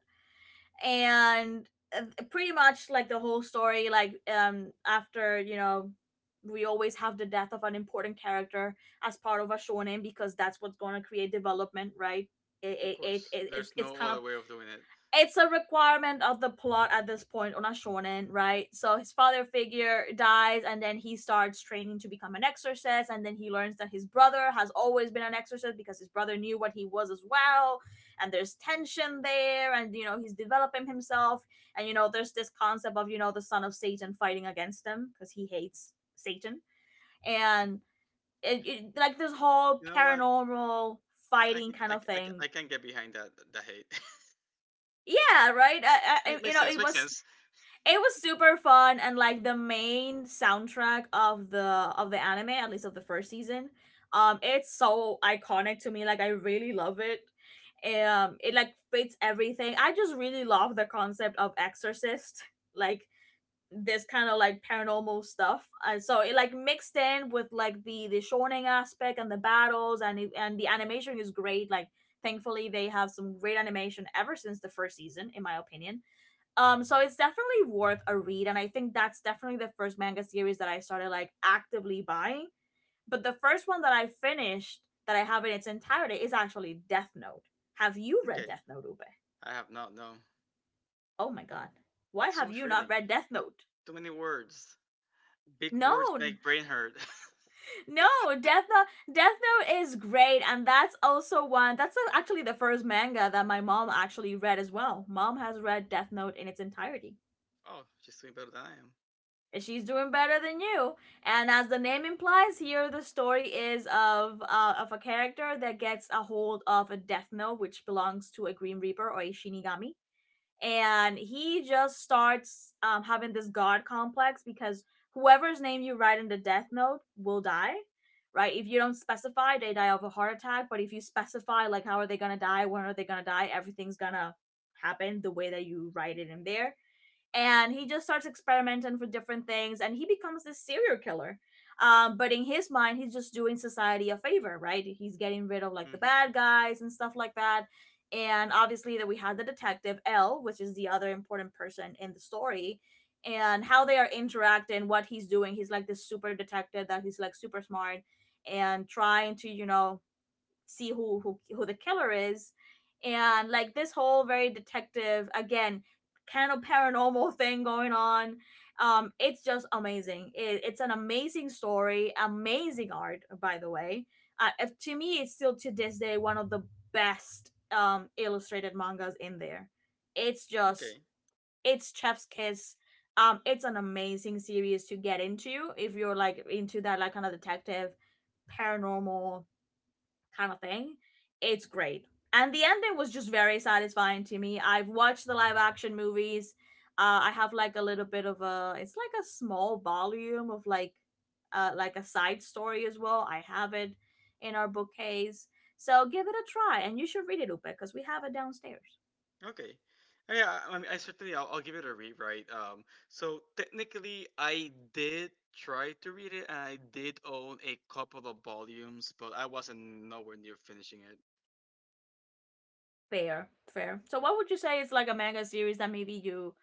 Speaker 2: And uh, pretty much like the whole story, like um, after you know, we always have the death of an important character as part of a shonen because that's what's gonna create development, right? It
Speaker 1: of
Speaker 2: it, it,
Speaker 1: course.
Speaker 2: it it's
Speaker 1: There's
Speaker 2: it's
Speaker 1: no
Speaker 2: kind of
Speaker 1: other way of doing it.
Speaker 2: it's a requirement of the plot at this point on a shonen, right? So his father figure dies, and then he starts training to become an exorcist, and then he learns that his brother has always been an exorcist because his brother knew what he was as well, and there's tension there, and you know he's developing himself, and you know there's this concept of you know the son of Satan fighting against him because he hates Satan, and it, it, like this whole
Speaker 1: You know what?
Speaker 2: paranormal
Speaker 1: I I
Speaker 2: fighting
Speaker 1: can
Speaker 2: kind
Speaker 1: I, c-
Speaker 2: of
Speaker 1: I, c-
Speaker 2: thing.
Speaker 1: I can get behind that that hate.
Speaker 2: Yeah, right. I, I,
Speaker 1: Make,
Speaker 2: you
Speaker 1: makes
Speaker 2: know,
Speaker 1: sense.
Speaker 2: it
Speaker 1: Makes
Speaker 2: was
Speaker 1: sense.
Speaker 2: it was super fun, and like the main soundtrack of the of the anime, at least of the first season, um it's so iconic to me. Like, I really love it. Um it like fits everything. I just really love the concept of exorcist, like this kind of like paranormal stuff. And so it like mixed in with like the the shonen aspect and the battles and it, and the animation is great. Like, thankfully they have some great animation ever since the first season, in my opinion. Um, so it's definitely worth a read, and I think that's definitely the first manga series that I started like actively buying. But the first one that I finished that I have in its entirety is actually Death Note. Have you read
Speaker 1: Okay.
Speaker 2: Death Note, Ube?
Speaker 1: I have not. No.
Speaker 2: Oh my god. Why
Speaker 1: It's too
Speaker 2: have
Speaker 1: much
Speaker 2: you not
Speaker 1: reading.
Speaker 2: read Death Note?
Speaker 1: Too many words. Big
Speaker 2: No,
Speaker 1: words make brain hurt.
Speaker 2: no, Death Note, Death Note is great, and that's also one. That's uh, actually the first manga that my mom actually read as well. Mom has read Death Note in its entirety.
Speaker 1: Oh, she's doing better than I am.
Speaker 2: She's doing better than you. And as the name implies here, the story is of uh, of a character that gets a hold of a death note, which belongs to a green reaper or a shinigami. And he just starts um, having this god complex, because whoever's name you write in the death note will die. Right, if you don't specify, they die of a heart attack, but if you specify like how are they gonna die, when are they gonna die, everything's gonna happen the way that you write it in there. And he just starts experimenting for different things, and he becomes this serial killer. Um, but in his mind, he's just doing society a favor, right? He's getting rid of like the
Speaker 1: Mm-hmm.
Speaker 2: bad guys and stuff like that. And obviously, that we had the detective L, which is the other important person in the story, and how they are interacting, what he's doing. He's like this super detective that he's like super smart, and trying to, you know, see who who who the killer is, and like this whole very detective again kind of paranormal thing going on. Um, it's just amazing. It, it's an amazing story, amazing art, by the way. Uh, if- to me, it's still to this day one of the best um illustrated mangas in there. It's just
Speaker 1: Okay.
Speaker 2: it's Chef's Kiss. Um, it's an amazing series to get into if you're like into that like kind of detective, paranormal, kind of thing. It's great. And the ending was just very satisfying to me. I've watched the live action movies. Uh, I have like a little bit of a it's like a small volume of like uh like a side story as well. I have it in our bookcase. So give it a try, and you should read it, Upe, because we have it downstairs.
Speaker 1: Okay. Uh, yeah, I, I I certainly I'll, I'll give it a read, right? Um, so technically, I did try to read it, and I did own a couple of volumes, but I wasn't nowhere near finishing it.
Speaker 2: Fair, fair. So what would you say is like a manga series that maybe you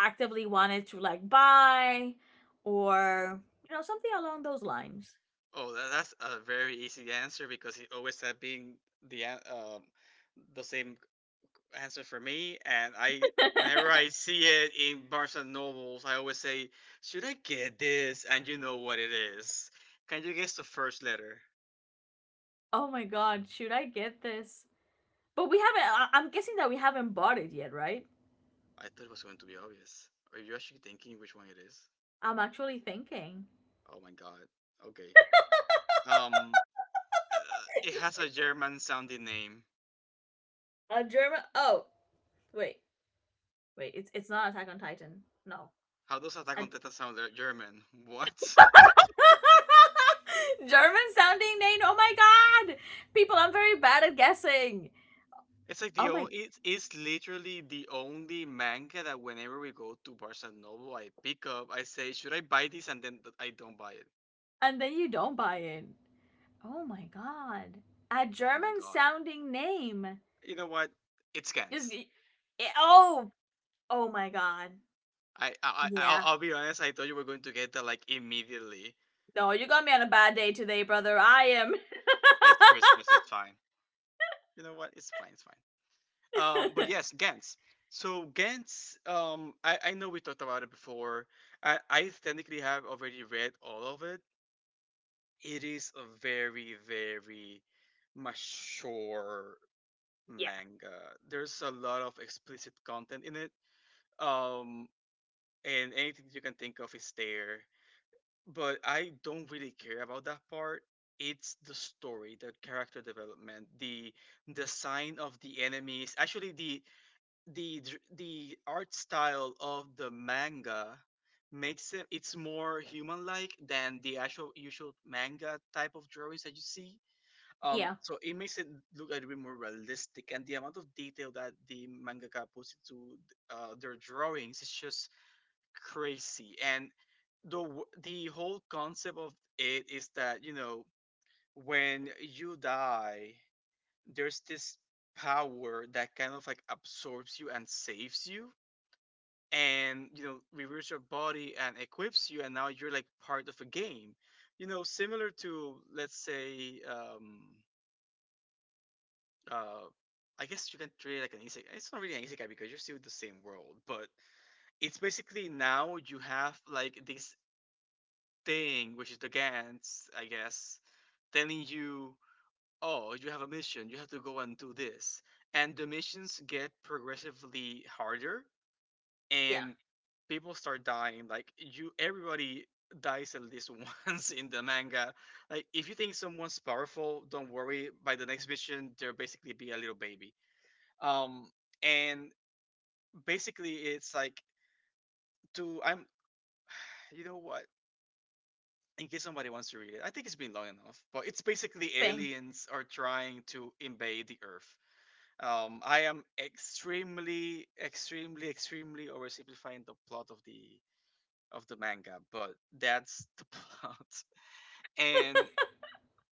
Speaker 2: actively wanted to like buy, or, you know, something along those lines?
Speaker 1: Oh, that, that's a very easy answer because he always had being the an- um the same answer for me, and I whenever I see it in Barnes and Nobles, I always say, "Should I get this?" And you know what it is. Can you guess the first letter?
Speaker 2: Oh my god, should I get this? But we haven't. I- I'm guessing that we haven't bought it yet, right?
Speaker 1: I thought it was going to be obvious. Are you actually thinking which one it is?
Speaker 2: I'm actually thinking.
Speaker 1: Oh my god. Okay. Um, uh, it has a German sounding name.
Speaker 2: A German. Oh, wait, wait. It's it's not Attack on Titan. No.
Speaker 1: How does Attack
Speaker 2: A-
Speaker 1: on Titan sound uh, German? What?
Speaker 2: German sounding name. Oh my god, people! I'm very bad at guessing.
Speaker 1: It's like the
Speaker 2: Oh my.
Speaker 1: only. It is literally the only manga that whenever we go to Barnes and Noble, I pick up. I say, should I buy this? And then th- I don't buy it.
Speaker 2: And then you don't buy it. Oh my god. A
Speaker 1: Oh my
Speaker 2: German
Speaker 1: god.
Speaker 2: sounding name.
Speaker 1: You know what? It
Speaker 2: Just.
Speaker 1: scans.
Speaker 2: Oh. Oh my god.
Speaker 1: I I I- I'll,
Speaker 2: Yeah.
Speaker 1: I'll be honest. I thought you were going to get that like immediately.
Speaker 2: No, you got me on a bad day today, brother. I am.
Speaker 1: It's Christmas. That's fine. You know what? It's fine. It's fine. Um, but yes, Gantz. So Gantz, um, I, I know we talked about it before. I, I technically have already read all of it. It is a very, very mature
Speaker 2: Yeah.
Speaker 1: manga. There's a lot of explicit content in it. Um, and anything you can think of is there. But I don't really care about that part. It's the story, the character development, the design of the enemies. Actually, the the dr- the art style of the manga makes it it's more human like than the actual usual manga type of drawings that you see, um
Speaker 2: Yeah.
Speaker 1: so it makes it look a little bit more realistic, and the amount of detail that the mangaka puts into uh, their drawings is just crazy. And the w- the whole concept of it is that, you know, when you die there's this power that kind of like absorbs you and saves you, and you know reviews your body and equips you, and now you're like part of a game, you know, similar to let's say um uh I guess you can treat it like an isekai. It's not really an isekai because you're still in the same world, but it's basically now you have like this thing, which is the Gans, I guess, telling you, oh, you have a mission, you have to go and do this. And the missions get progressively harder,
Speaker 2: Yeah.
Speaker 1: and people start dying. Like you, everybody dies at least once in the manga. Like if you think someone's powerful, don't worry. By the next mission, there'll basically be a little baby. Um, and basically it's like to I'm you know what, in case somebody wants to read it, I think it's been long enough. But it's basically
Speaker 2: Thing.
Speaker 1: aliens are trying to invade the Earth. Um, I am extremely, extremely, extremely oversimplifying the plot of the of the manga, but that's the plot. And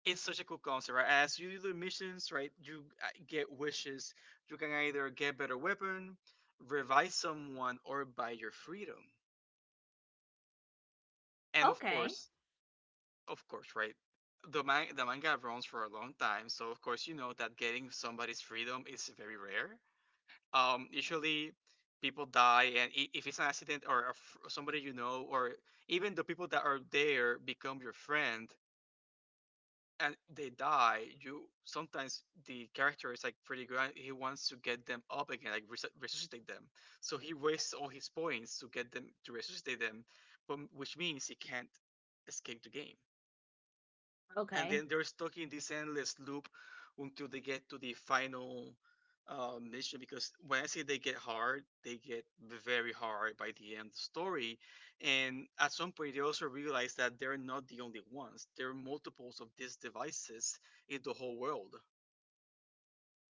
Speaker 1: it's such a cool concept, right? As you do the missions, right, you uh, get wishes. You can either get better weapon, revive someone, or buy your freedom. And of
Speaker 2: Okay.
Speaker 1: course, of course, right, the man the manga runs for a long time, so of course you know that getting somebody's freedom is very rare. Um, usually people die, and i- if it's an accident or a f- somebody you know, or even the people that are there become your friend, and they die. You sometimes the character is like pretty good and he wants to get them up again, like res- resuscitate them, so he wastes all his points to get them to resuscitate them, but which means he can't escape the game, and
Speaker 2: Okay.
Speaker 1: then they're stuck in this endless loop until they get to the final uh, mission. Because when I say they get hard, they get very hard by the end of the story. And at some point, they also realize that they're not the only ones. There are multiples of these devices in the whole world.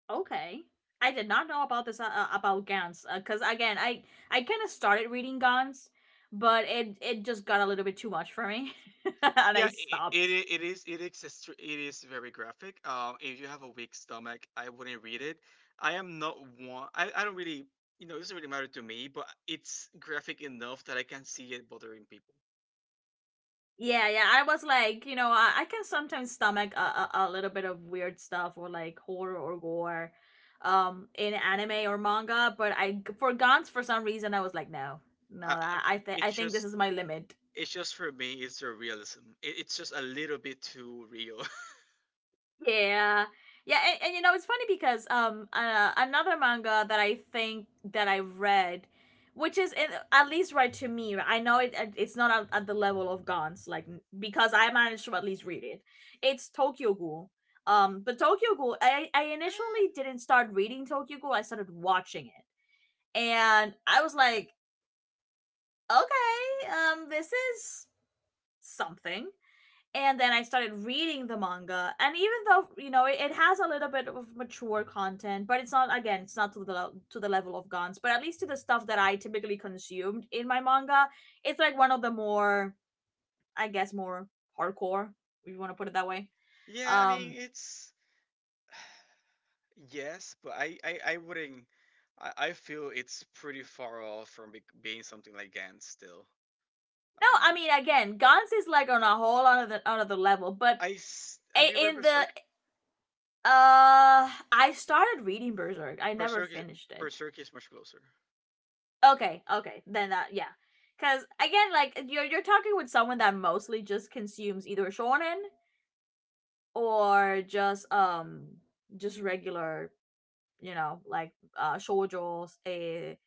Speaker 2: Okay. I did not know about this uh, uh, about Gans, because uh, again, I I kind of started reading Gans, but it it just got a little bit too much for me, and I
Speaker 1: Yeah, it, it
Speaker 2: stopped.
Speaker 1: it is it is extr- it is very graphic. Um, if you have a weak stomach, I wouldn't read it. I am not one. I, I don't really, you know, it doesn't really matter to me, but it's graphic enough that I can see it bothering people.
Speaker 2: Yeah, yeah. I was like, you know, I, I can sometimes stomach a, a, a little bit of weird stuff, or like horror or gore um in anime or manga, but I for Gantz for some reason I was like, no. No,
Speaker 1: I, I-
Speaker 2: I I, th- I
Speaker 1: it's
Speaker 2: think this
Speaker 1: just
Speaker 2: is my limit.
Speaker 1: it's just for me, it's the realism. It, it's just a little bit too real.
Speaker 2: Yeah. Yeah, and, and you know, it's funny because um uh, another manga that I think that I read which is in- at least right to me. Right? I know it it- it's not at, at the level of Gans, like because I managed to at least read it. It's Tokyo Ghoul. Um, but Tokyo Ghoul, I I
Speaker 1: Eh,
Speaker 2: initially didn't start reading Tokyo Ghoul. I started watching it, and I was like, okay, um, this is something, and then I started reading the manga. And even though you know it, it has a little bit of mature content, but it's not again it's not to the to the level of Guns, but at least to the stuff that I typically consumed in my manga, it's like one of the more I guess more hardcore, if you want to put it that way.
Speaker 1: yeah, I mean
Speaker 2: Um,
Speaker 1: it's yes, but I I, I wouldn't. I, I feel it's pretty far off from be- being something like Gantz still.
Speaker 2: no, I
Speaker 1: Um.
Speaker 2: mean again, Guns is like on a whole other other level, but
Speaker 1: I s- have you read
Speaker 2: in the
Speaker 1: Berserk?
Speaker 2: uh, I started reading Berserk. I never
Speaker 1: Berserk is
Speaker 2: finished it.
Speaker 1: Berserk is much closer.
Speaker 2: Okay, okay, then that yeah. Cause again, like you're you're talking with someone that mostly just consumes either shonen, or just um just regular, you know, like uh shoujo, a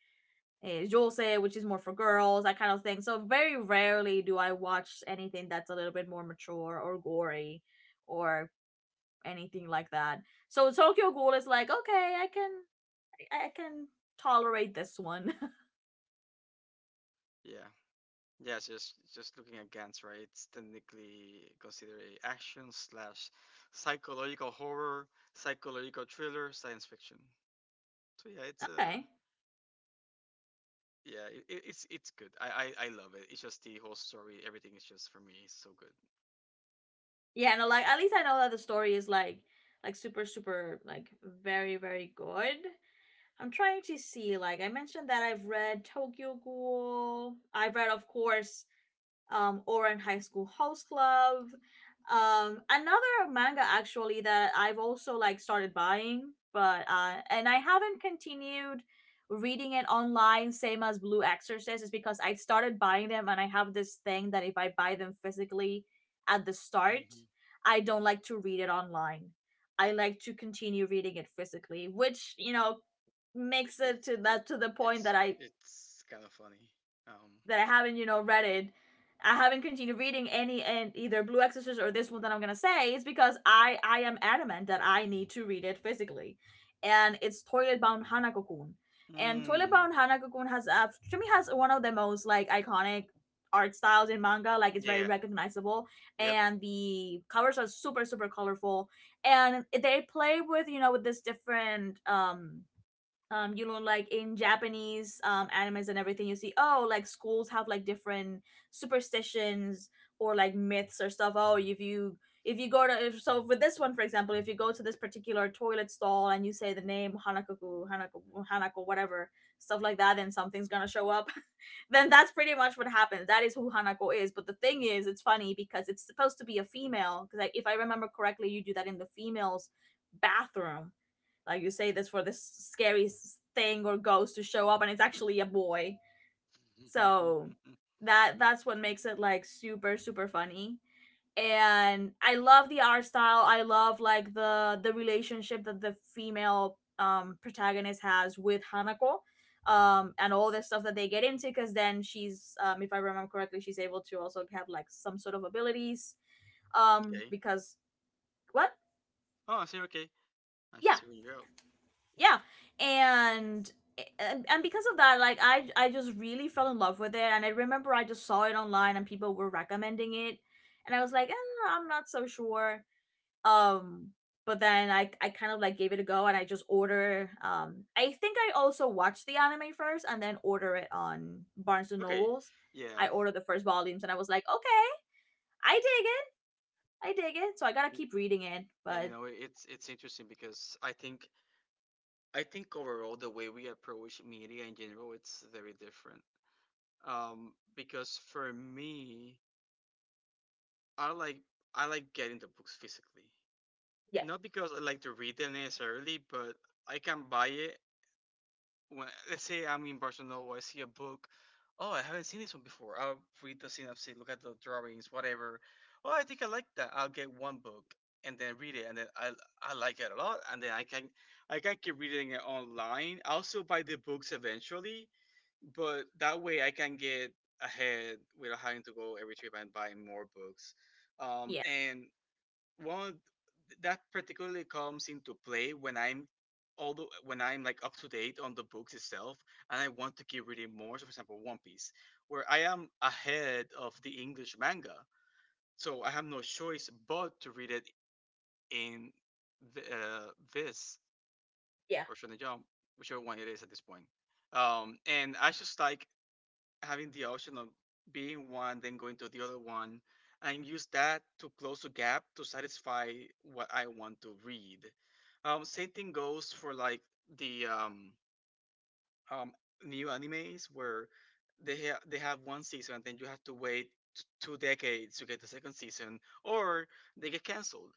Speaker 2: a josei, which is more for girls, that kind of thing. So very rarely do I watch anything that's a little bit more mature or gory or anything like that. So Tokyo Ghoul is like, okay, I can I can tolerate this one.
Speaker 1: Yeah. Yeah, it's just just looking at Gantz, right? It's technically considered a action slash psychological horror, psychological thriller, science fiction. So yeah, it's a
Speaker 2: Okay.
Speaker 1: yeah, it, it- it's it's good. I, I I love it. It's just the whole story, everything is just for me so good.
Speaker 2: Yeah, no, like at least I know that the story is like like super super like very very good. I'm trying to see, like I mentioned that I've read Tokyo Ghoul, I've read, of course, um, or in High School House Club. Um, another manga actually that I've also like started buying, but uh, and I haven't continued reading it online, same as Blue Exorcist, is because I started buying them, and I have this thing that if I buy them physically at the start,
Speaker 1: Mhm.
Speaker 2: I don't like to read it online. I like to continue reading it physically, which you know
Speaker 1: Which
Speaker 2: makes
Speaker 1: is
Speaker 2: it to
Speaker 1: it
Speaker 2: that to the point
Speaker 1: it's
Speaker 2: that I
Speaker 1: it's kind of funny. Um.
Speaker 2: that I haven't, you know, read it. I haven't continued reading any and either Blue Exorcist or this one that I'm gonna say is because I I am adamant that I need to read it physically, and it's Toilet Bound Hanako-kun, and Toilet
Speaker 1: Mm,
Speaker 2: Bound Hanako-kun has, uh, to me, has one of the most like iconic art styles in manga. Like, it's very
Speaker 1: yeah.
Speaker 2: recognizable,
Speaker 1: Yep.
Speaker 2: and the covers are super super colorful, and they play with, you know, with this different um um you know, like in Japanese um animes and everything, you see, oh, like schools have like different superstitions or like myths or stuff. Oh, if you if you go to if, so for this one, for example, if you go to this particular toilet stall and you say the name, hanakoku hanako Hanako, whatever, stuff like that, then something's gonna show up. Then that's pretty much what happens. That is who Hanako is. But the thing is, it's funny because, it's supposed to be a female because, like, if I remember correctly, you do that in the female's bathroom, like you say this for this scary thing or ghost to show up, and it's actually a boy. So that that's what makes it like super super funny. And I love the art style. I love like the the relationship that the female um protagonist has with Hanako, um and all the stuff that they get into, because then she's, um, if I remember correctly, she's able to also have like some sort of abilities, um
Speaker 1: Okay.
Speaker 2: because what
Speaker 1: Oh, I see. Okay, I'm
Speaker 2: yeah,
Speaker 1: just hearing you out.
Speaker 2: yeah, and and and because of that, like i i just really fell in love with it. And I remember, I just saw it online and people were recommending it, and I was like, eh, I'm not so sure. um but then i i kind of like gave it a go, and I just order, um I think I also watched the anime first, and then order it on Barnes and
Speaker 1: Okay,
Speaker 2: Nobles.
Speaker 1: yeah,
Speaker 2: I ordered the first volumes and I was like, okay, I dig it, I dig it, so I gotta
Speaker 1: y-
Speaker 2: keep reading it
Speaker 1: yeah. You
Speaker 2: but...
Speaker 1: know, it's it's interesting because I think I think overall the way we approach media in general, it's very different. Um, because for me, I like I like getting the books physically,
Speaker 2: Yeah.
Speaker 1: not because I like to read them necessarily, but I can buy it when, let's say, I'm in Barcelona, I see a book. Oh, I haven't seen this one before. I'll read the synopsis, look at the drawings, whatever. Oh, I think I like that. I'll get one book and then read it, and then I I like it a lot, and then I can I can keep reading it online. I'll still buy the books eventually, but that way I can get ahead without having to go every trip and buy more books. Um,
Speaker 2: Yeah.
Speaker 1: and one that particularly comes into play when I'm although when I'm like up to date on the books itself and I want to keep reading more, so for example One Piece, where I am ahead of the English manga. So I have no choice but to read it in the, uh, this
Speaker 2: Yeah.
Speaker 1: or Shonen Jump, whichever one it is at this point. Um, and I just like having the option of being one, then going to the other one, and use that to close a gap to satisfy what I want to read. Um, same thing goes for like the um, um, new animes where they ha- they have one season and then you have to wait t- two decades to get the second season, or they get canceled.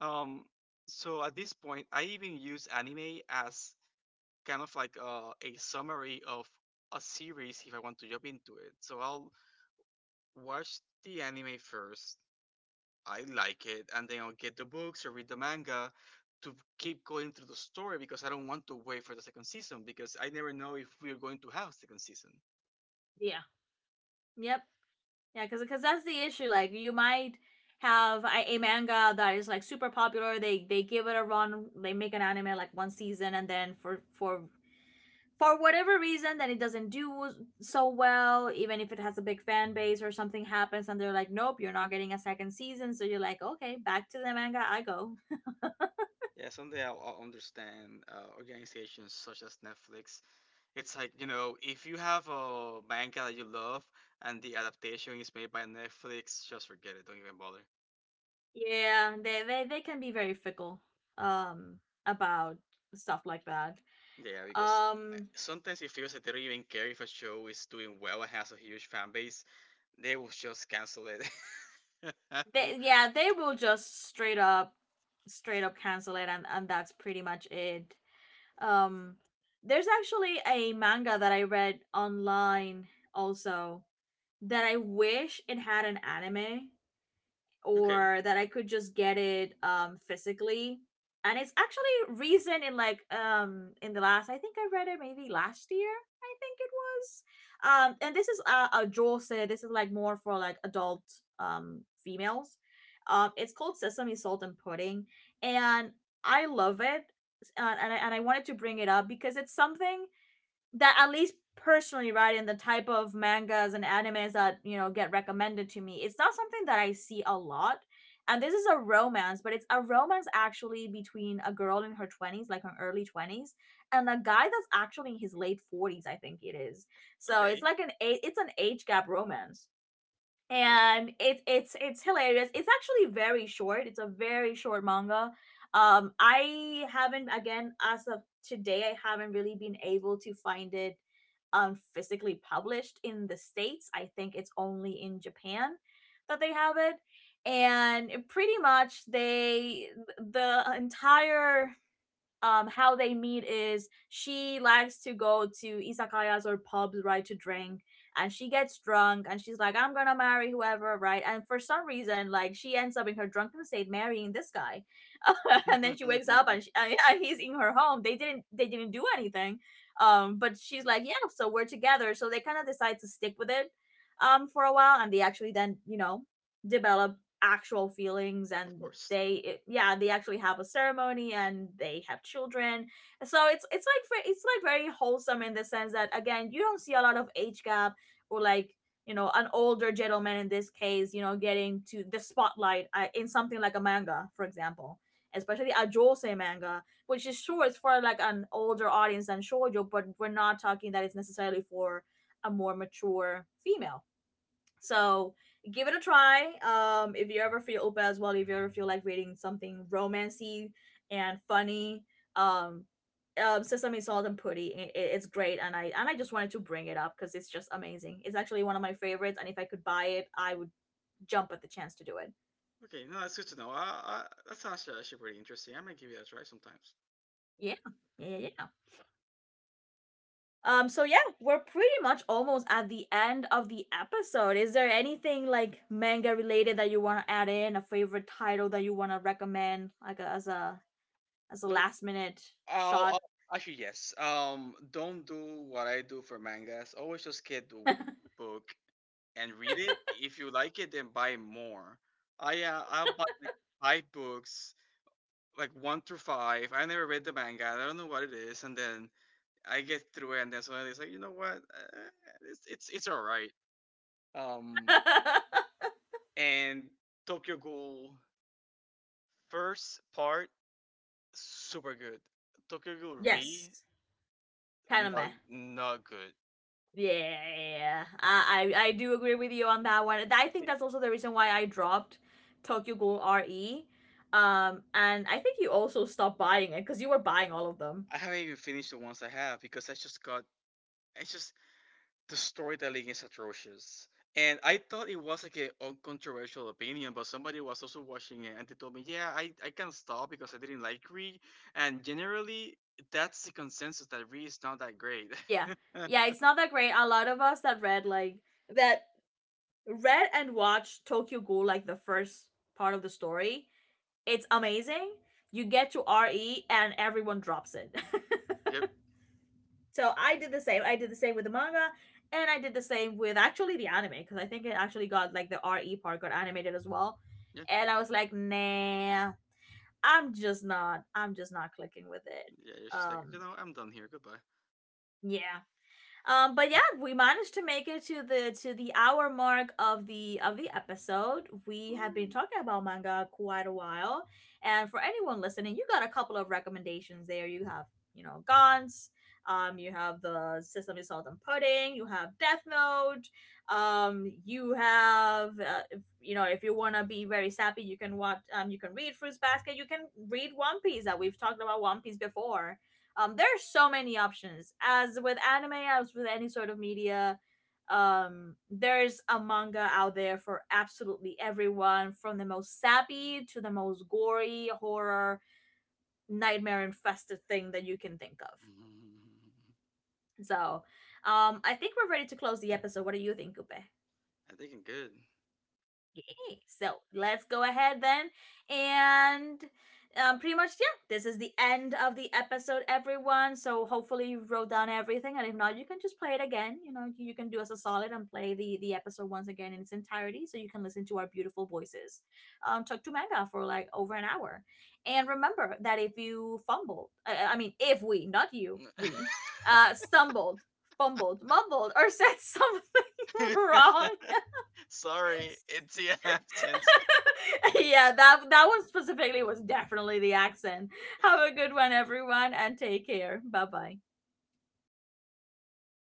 Speaker 1: Um, so at this point, I even use anime as kind of like uh, a summary of a series if I want to jump into it. So I'll watch the anime first. I like it, and then I'll get the books or read the manga to keep going through the story because I don't want to wait for the second season because I never know if we're going to have second season.
Speaker 2: Yeah. Yep. Yeah, because, cause that's the issue. Like you might have a, a manga that is like super popular. They they give it a run. They make an anime like one season, and then for for for whatever reason, then it doesn't do so well. Even if it has a big fan base or something happens, and they're like, nope, you're not getting a second season. So you're like, okay, back to the manga I go.
Speaker 1: Yeah, someday I'll, I'll understand uh, organizations such as Netflix. It's like, you know, if you have a manga that you love and the adaptation is made by Netflix, just forget it. Don't even bother.
Speaker 2: Yeah, they they they can be very fickle um about stuff like that.
Speaker 1: Yeah, because I-
Speaker 2: Um.
Speaker 1: sometimes it feels that they don't even care if a show is doing well and has a huge fan base. They will just cancel it. Oh,
Speaker 2: They, yeah, they will just straight up, straight up cancel it, and and that's pretty much it. Um, there's actually a manga that I read online also that I wish it had an anime,
Speaker 1: okay,
Speaker 2: or that I could just get it um physically. And it's actually recent, in like, um in the last, I think I read it maybe last year, I think it was. Um and this is a, a jose, this is like more for like adult um females. Um, it's called Sesame Salt and Pudding, and I love it. And, and, I, and I wanted to bring it up because it's something that, at least personally, right, in the type of mangas and animes that, you know, get recommended to me, it's not something that I see a lot. And this is a romance, but it's a romance actually between a girl in her twenties, like her early twenties, and a guy that's actually in his late forties, I think it is. So it's
Speaker 1: okay,
Speaker 2: like an a- it's an age gap romance,
Speaker 1: interesting.
Speaker 2: and it's it's it's hilarious. It's actually very short. It's a very short manga. Um, I haven't, again, as of today, I haven't really been able to find it um physically published in the states. I think it's only in Japan that they have it, and pretty much they, the entire um how they meet is, she likes to go to izakayas or pubs, right, to drink, and she gets drunk and she's like, I'm gonna marry whoever, right, and for some reason like she ends up in her drunken state marrying this guy. And then she wakes up, and, she, and he's in her home. They didn't they didn't do anything, um, but she's like, yeah, so we're together, so they kind of decide to stick with it um for a while. And they actually then, you know, develop actual feelings,
Speaker 1: Of
Speaker 2: and
Speaker 1: course.
Speaker 2: they it, yeah, they actually have a ceremony and they have children. So it's it's like it's like very wholesome, in the sense that, again, you don't see a lot of age gap, or like, you know, an older gentleman in this case, you know, getting to the spotlight, uh, in something like a manga, for example, especially a josei manga, which is, sure, it's for like an older audience than shoujo, but we're not talking that it's necessarily for a more mature female. So give it a try. Um, if you ever feel open as well, if you ever feel like reading something romancy and funny, um, um, Sesame Salt and Putty, it it's great, and I and I just wanted to bring it up because it's just amazing. It's actually one of my favorites, and if I could buy it, I would jump at the chance to do it.
Speaker 1: Okay, no, that's good to know. Uh, uh, that sounds uh, actually pretty interesting. I might give it a try sometimes.
Speaker 2: Yeah, yeah, yeah, yeah. Um, so yeah, we're pretty much almost at the end of the episode. Is there anything like manga related that you want to add in? A favorite title that you want to recommend, like a, as a as a
Speaker 1: Nope.
Speaker 2: last minute
Speaker 1: I'll,
Speaker 2: shot.
Speaker 1: I'll actually yes. Um, don't do what I do for mangas. Always just get the one book and read it. If you like it, then buy more. I uh, I'll buy like five books, like one through five. I never read the manga. I don't know what it is. And then I get through it, and then suddenly it's like, you know what? Uh, it's it's it's all right. Um, and Tokyo Ghoul first part super good. Tokyo Ghoul Re
Speaker 2: Yes. Kind of
Speaker 1: not
Speaker 2: meh.
Speaker 1: not good.
Speaker 2: Yeah, I, I I do agree with you on that one. I think
Speaker 1: See,
Speaker 2: that's also the reason why I dropped Tokyo Ghoul RE. Um, and I think you also stopped buying it because you were buying all of them.
Speaker 1: I haven't even finished the ones I have because I just got I just the storytelling is atrocious. And I thought it was like an uncontroversial opinion, but somebody was also watching it and they told me, yeah, I, I can not stop because I didn't like Greed. And generally, that's the consensus that Reed is not that great.
Speaker 2: Yeah,
Speaker 1: Yep.
Speaker 2: yeah, it's not that great. A lot of us that read like that, read and watch Tokyo Ghoul, like the first part of the story, it's amazing. You get to RE and everyone drops it.
Speaker 1: Yeah.
Speaker 2: So I did the same. I did the same with the manga, and I did the same with actually the anime, because I think it actually got, like the RE part got animated as well. And I was like, nah, I'm just not I'm just not clicking with it.
Speaker 1: Yeah. You're just like, you
Speaker 2: Um,
Speaker 1: know, I'm done here. Goodbye.
Speaker 2: yeah. Um, but yeah, we managed to make it to the to the hour mark of the of the episode. We have
Speaker 1: Woo.
Speaker 2: been talking about manga quite a while, and for anyone listening, you got a couple of recommendations there. You have, you know, Gantz, um, you have the System of Salt and Pudding, you have Death Note, um, you have, uh, if, you know, if you want to be very sappy, you can watch, um, you can read Fruits Basket, you can read One Piece. That, we've talked about One Piece before. Um, there are so many options. As with anime, as with any sort of media, um, there's a manga out there for absolutely everyone, from the most sappy to the most gory, horror, nightmare infested thing that you can think of. So, um, I think we're ready to close the episode. What do you think, Upe?
Speaker 1: I think
Speaker 2: Okay, so let's go ahead then. And um, pretty much, yeah, this is the end of the episode, everyone. So hopefully you wrote down everything. And if not, you can just play it again. You know, you can do us a solid and play the, the episode once again in its entirety, so you can listen to our beautiful voices um, talk to manga for like over an hour. And remember that if you fumbled, I, I mean, if we, not you, we, uh, stumbled, fumbled, mumbled, or said something
Speaker 1: I'm good.
Speaker 2: wrong.
Speaker 1: Sorry, it's the accent.
Speaker 2: Yeah, that that one specifically was definitely the accent. Have a good one, everyone, and take care. Bye bye.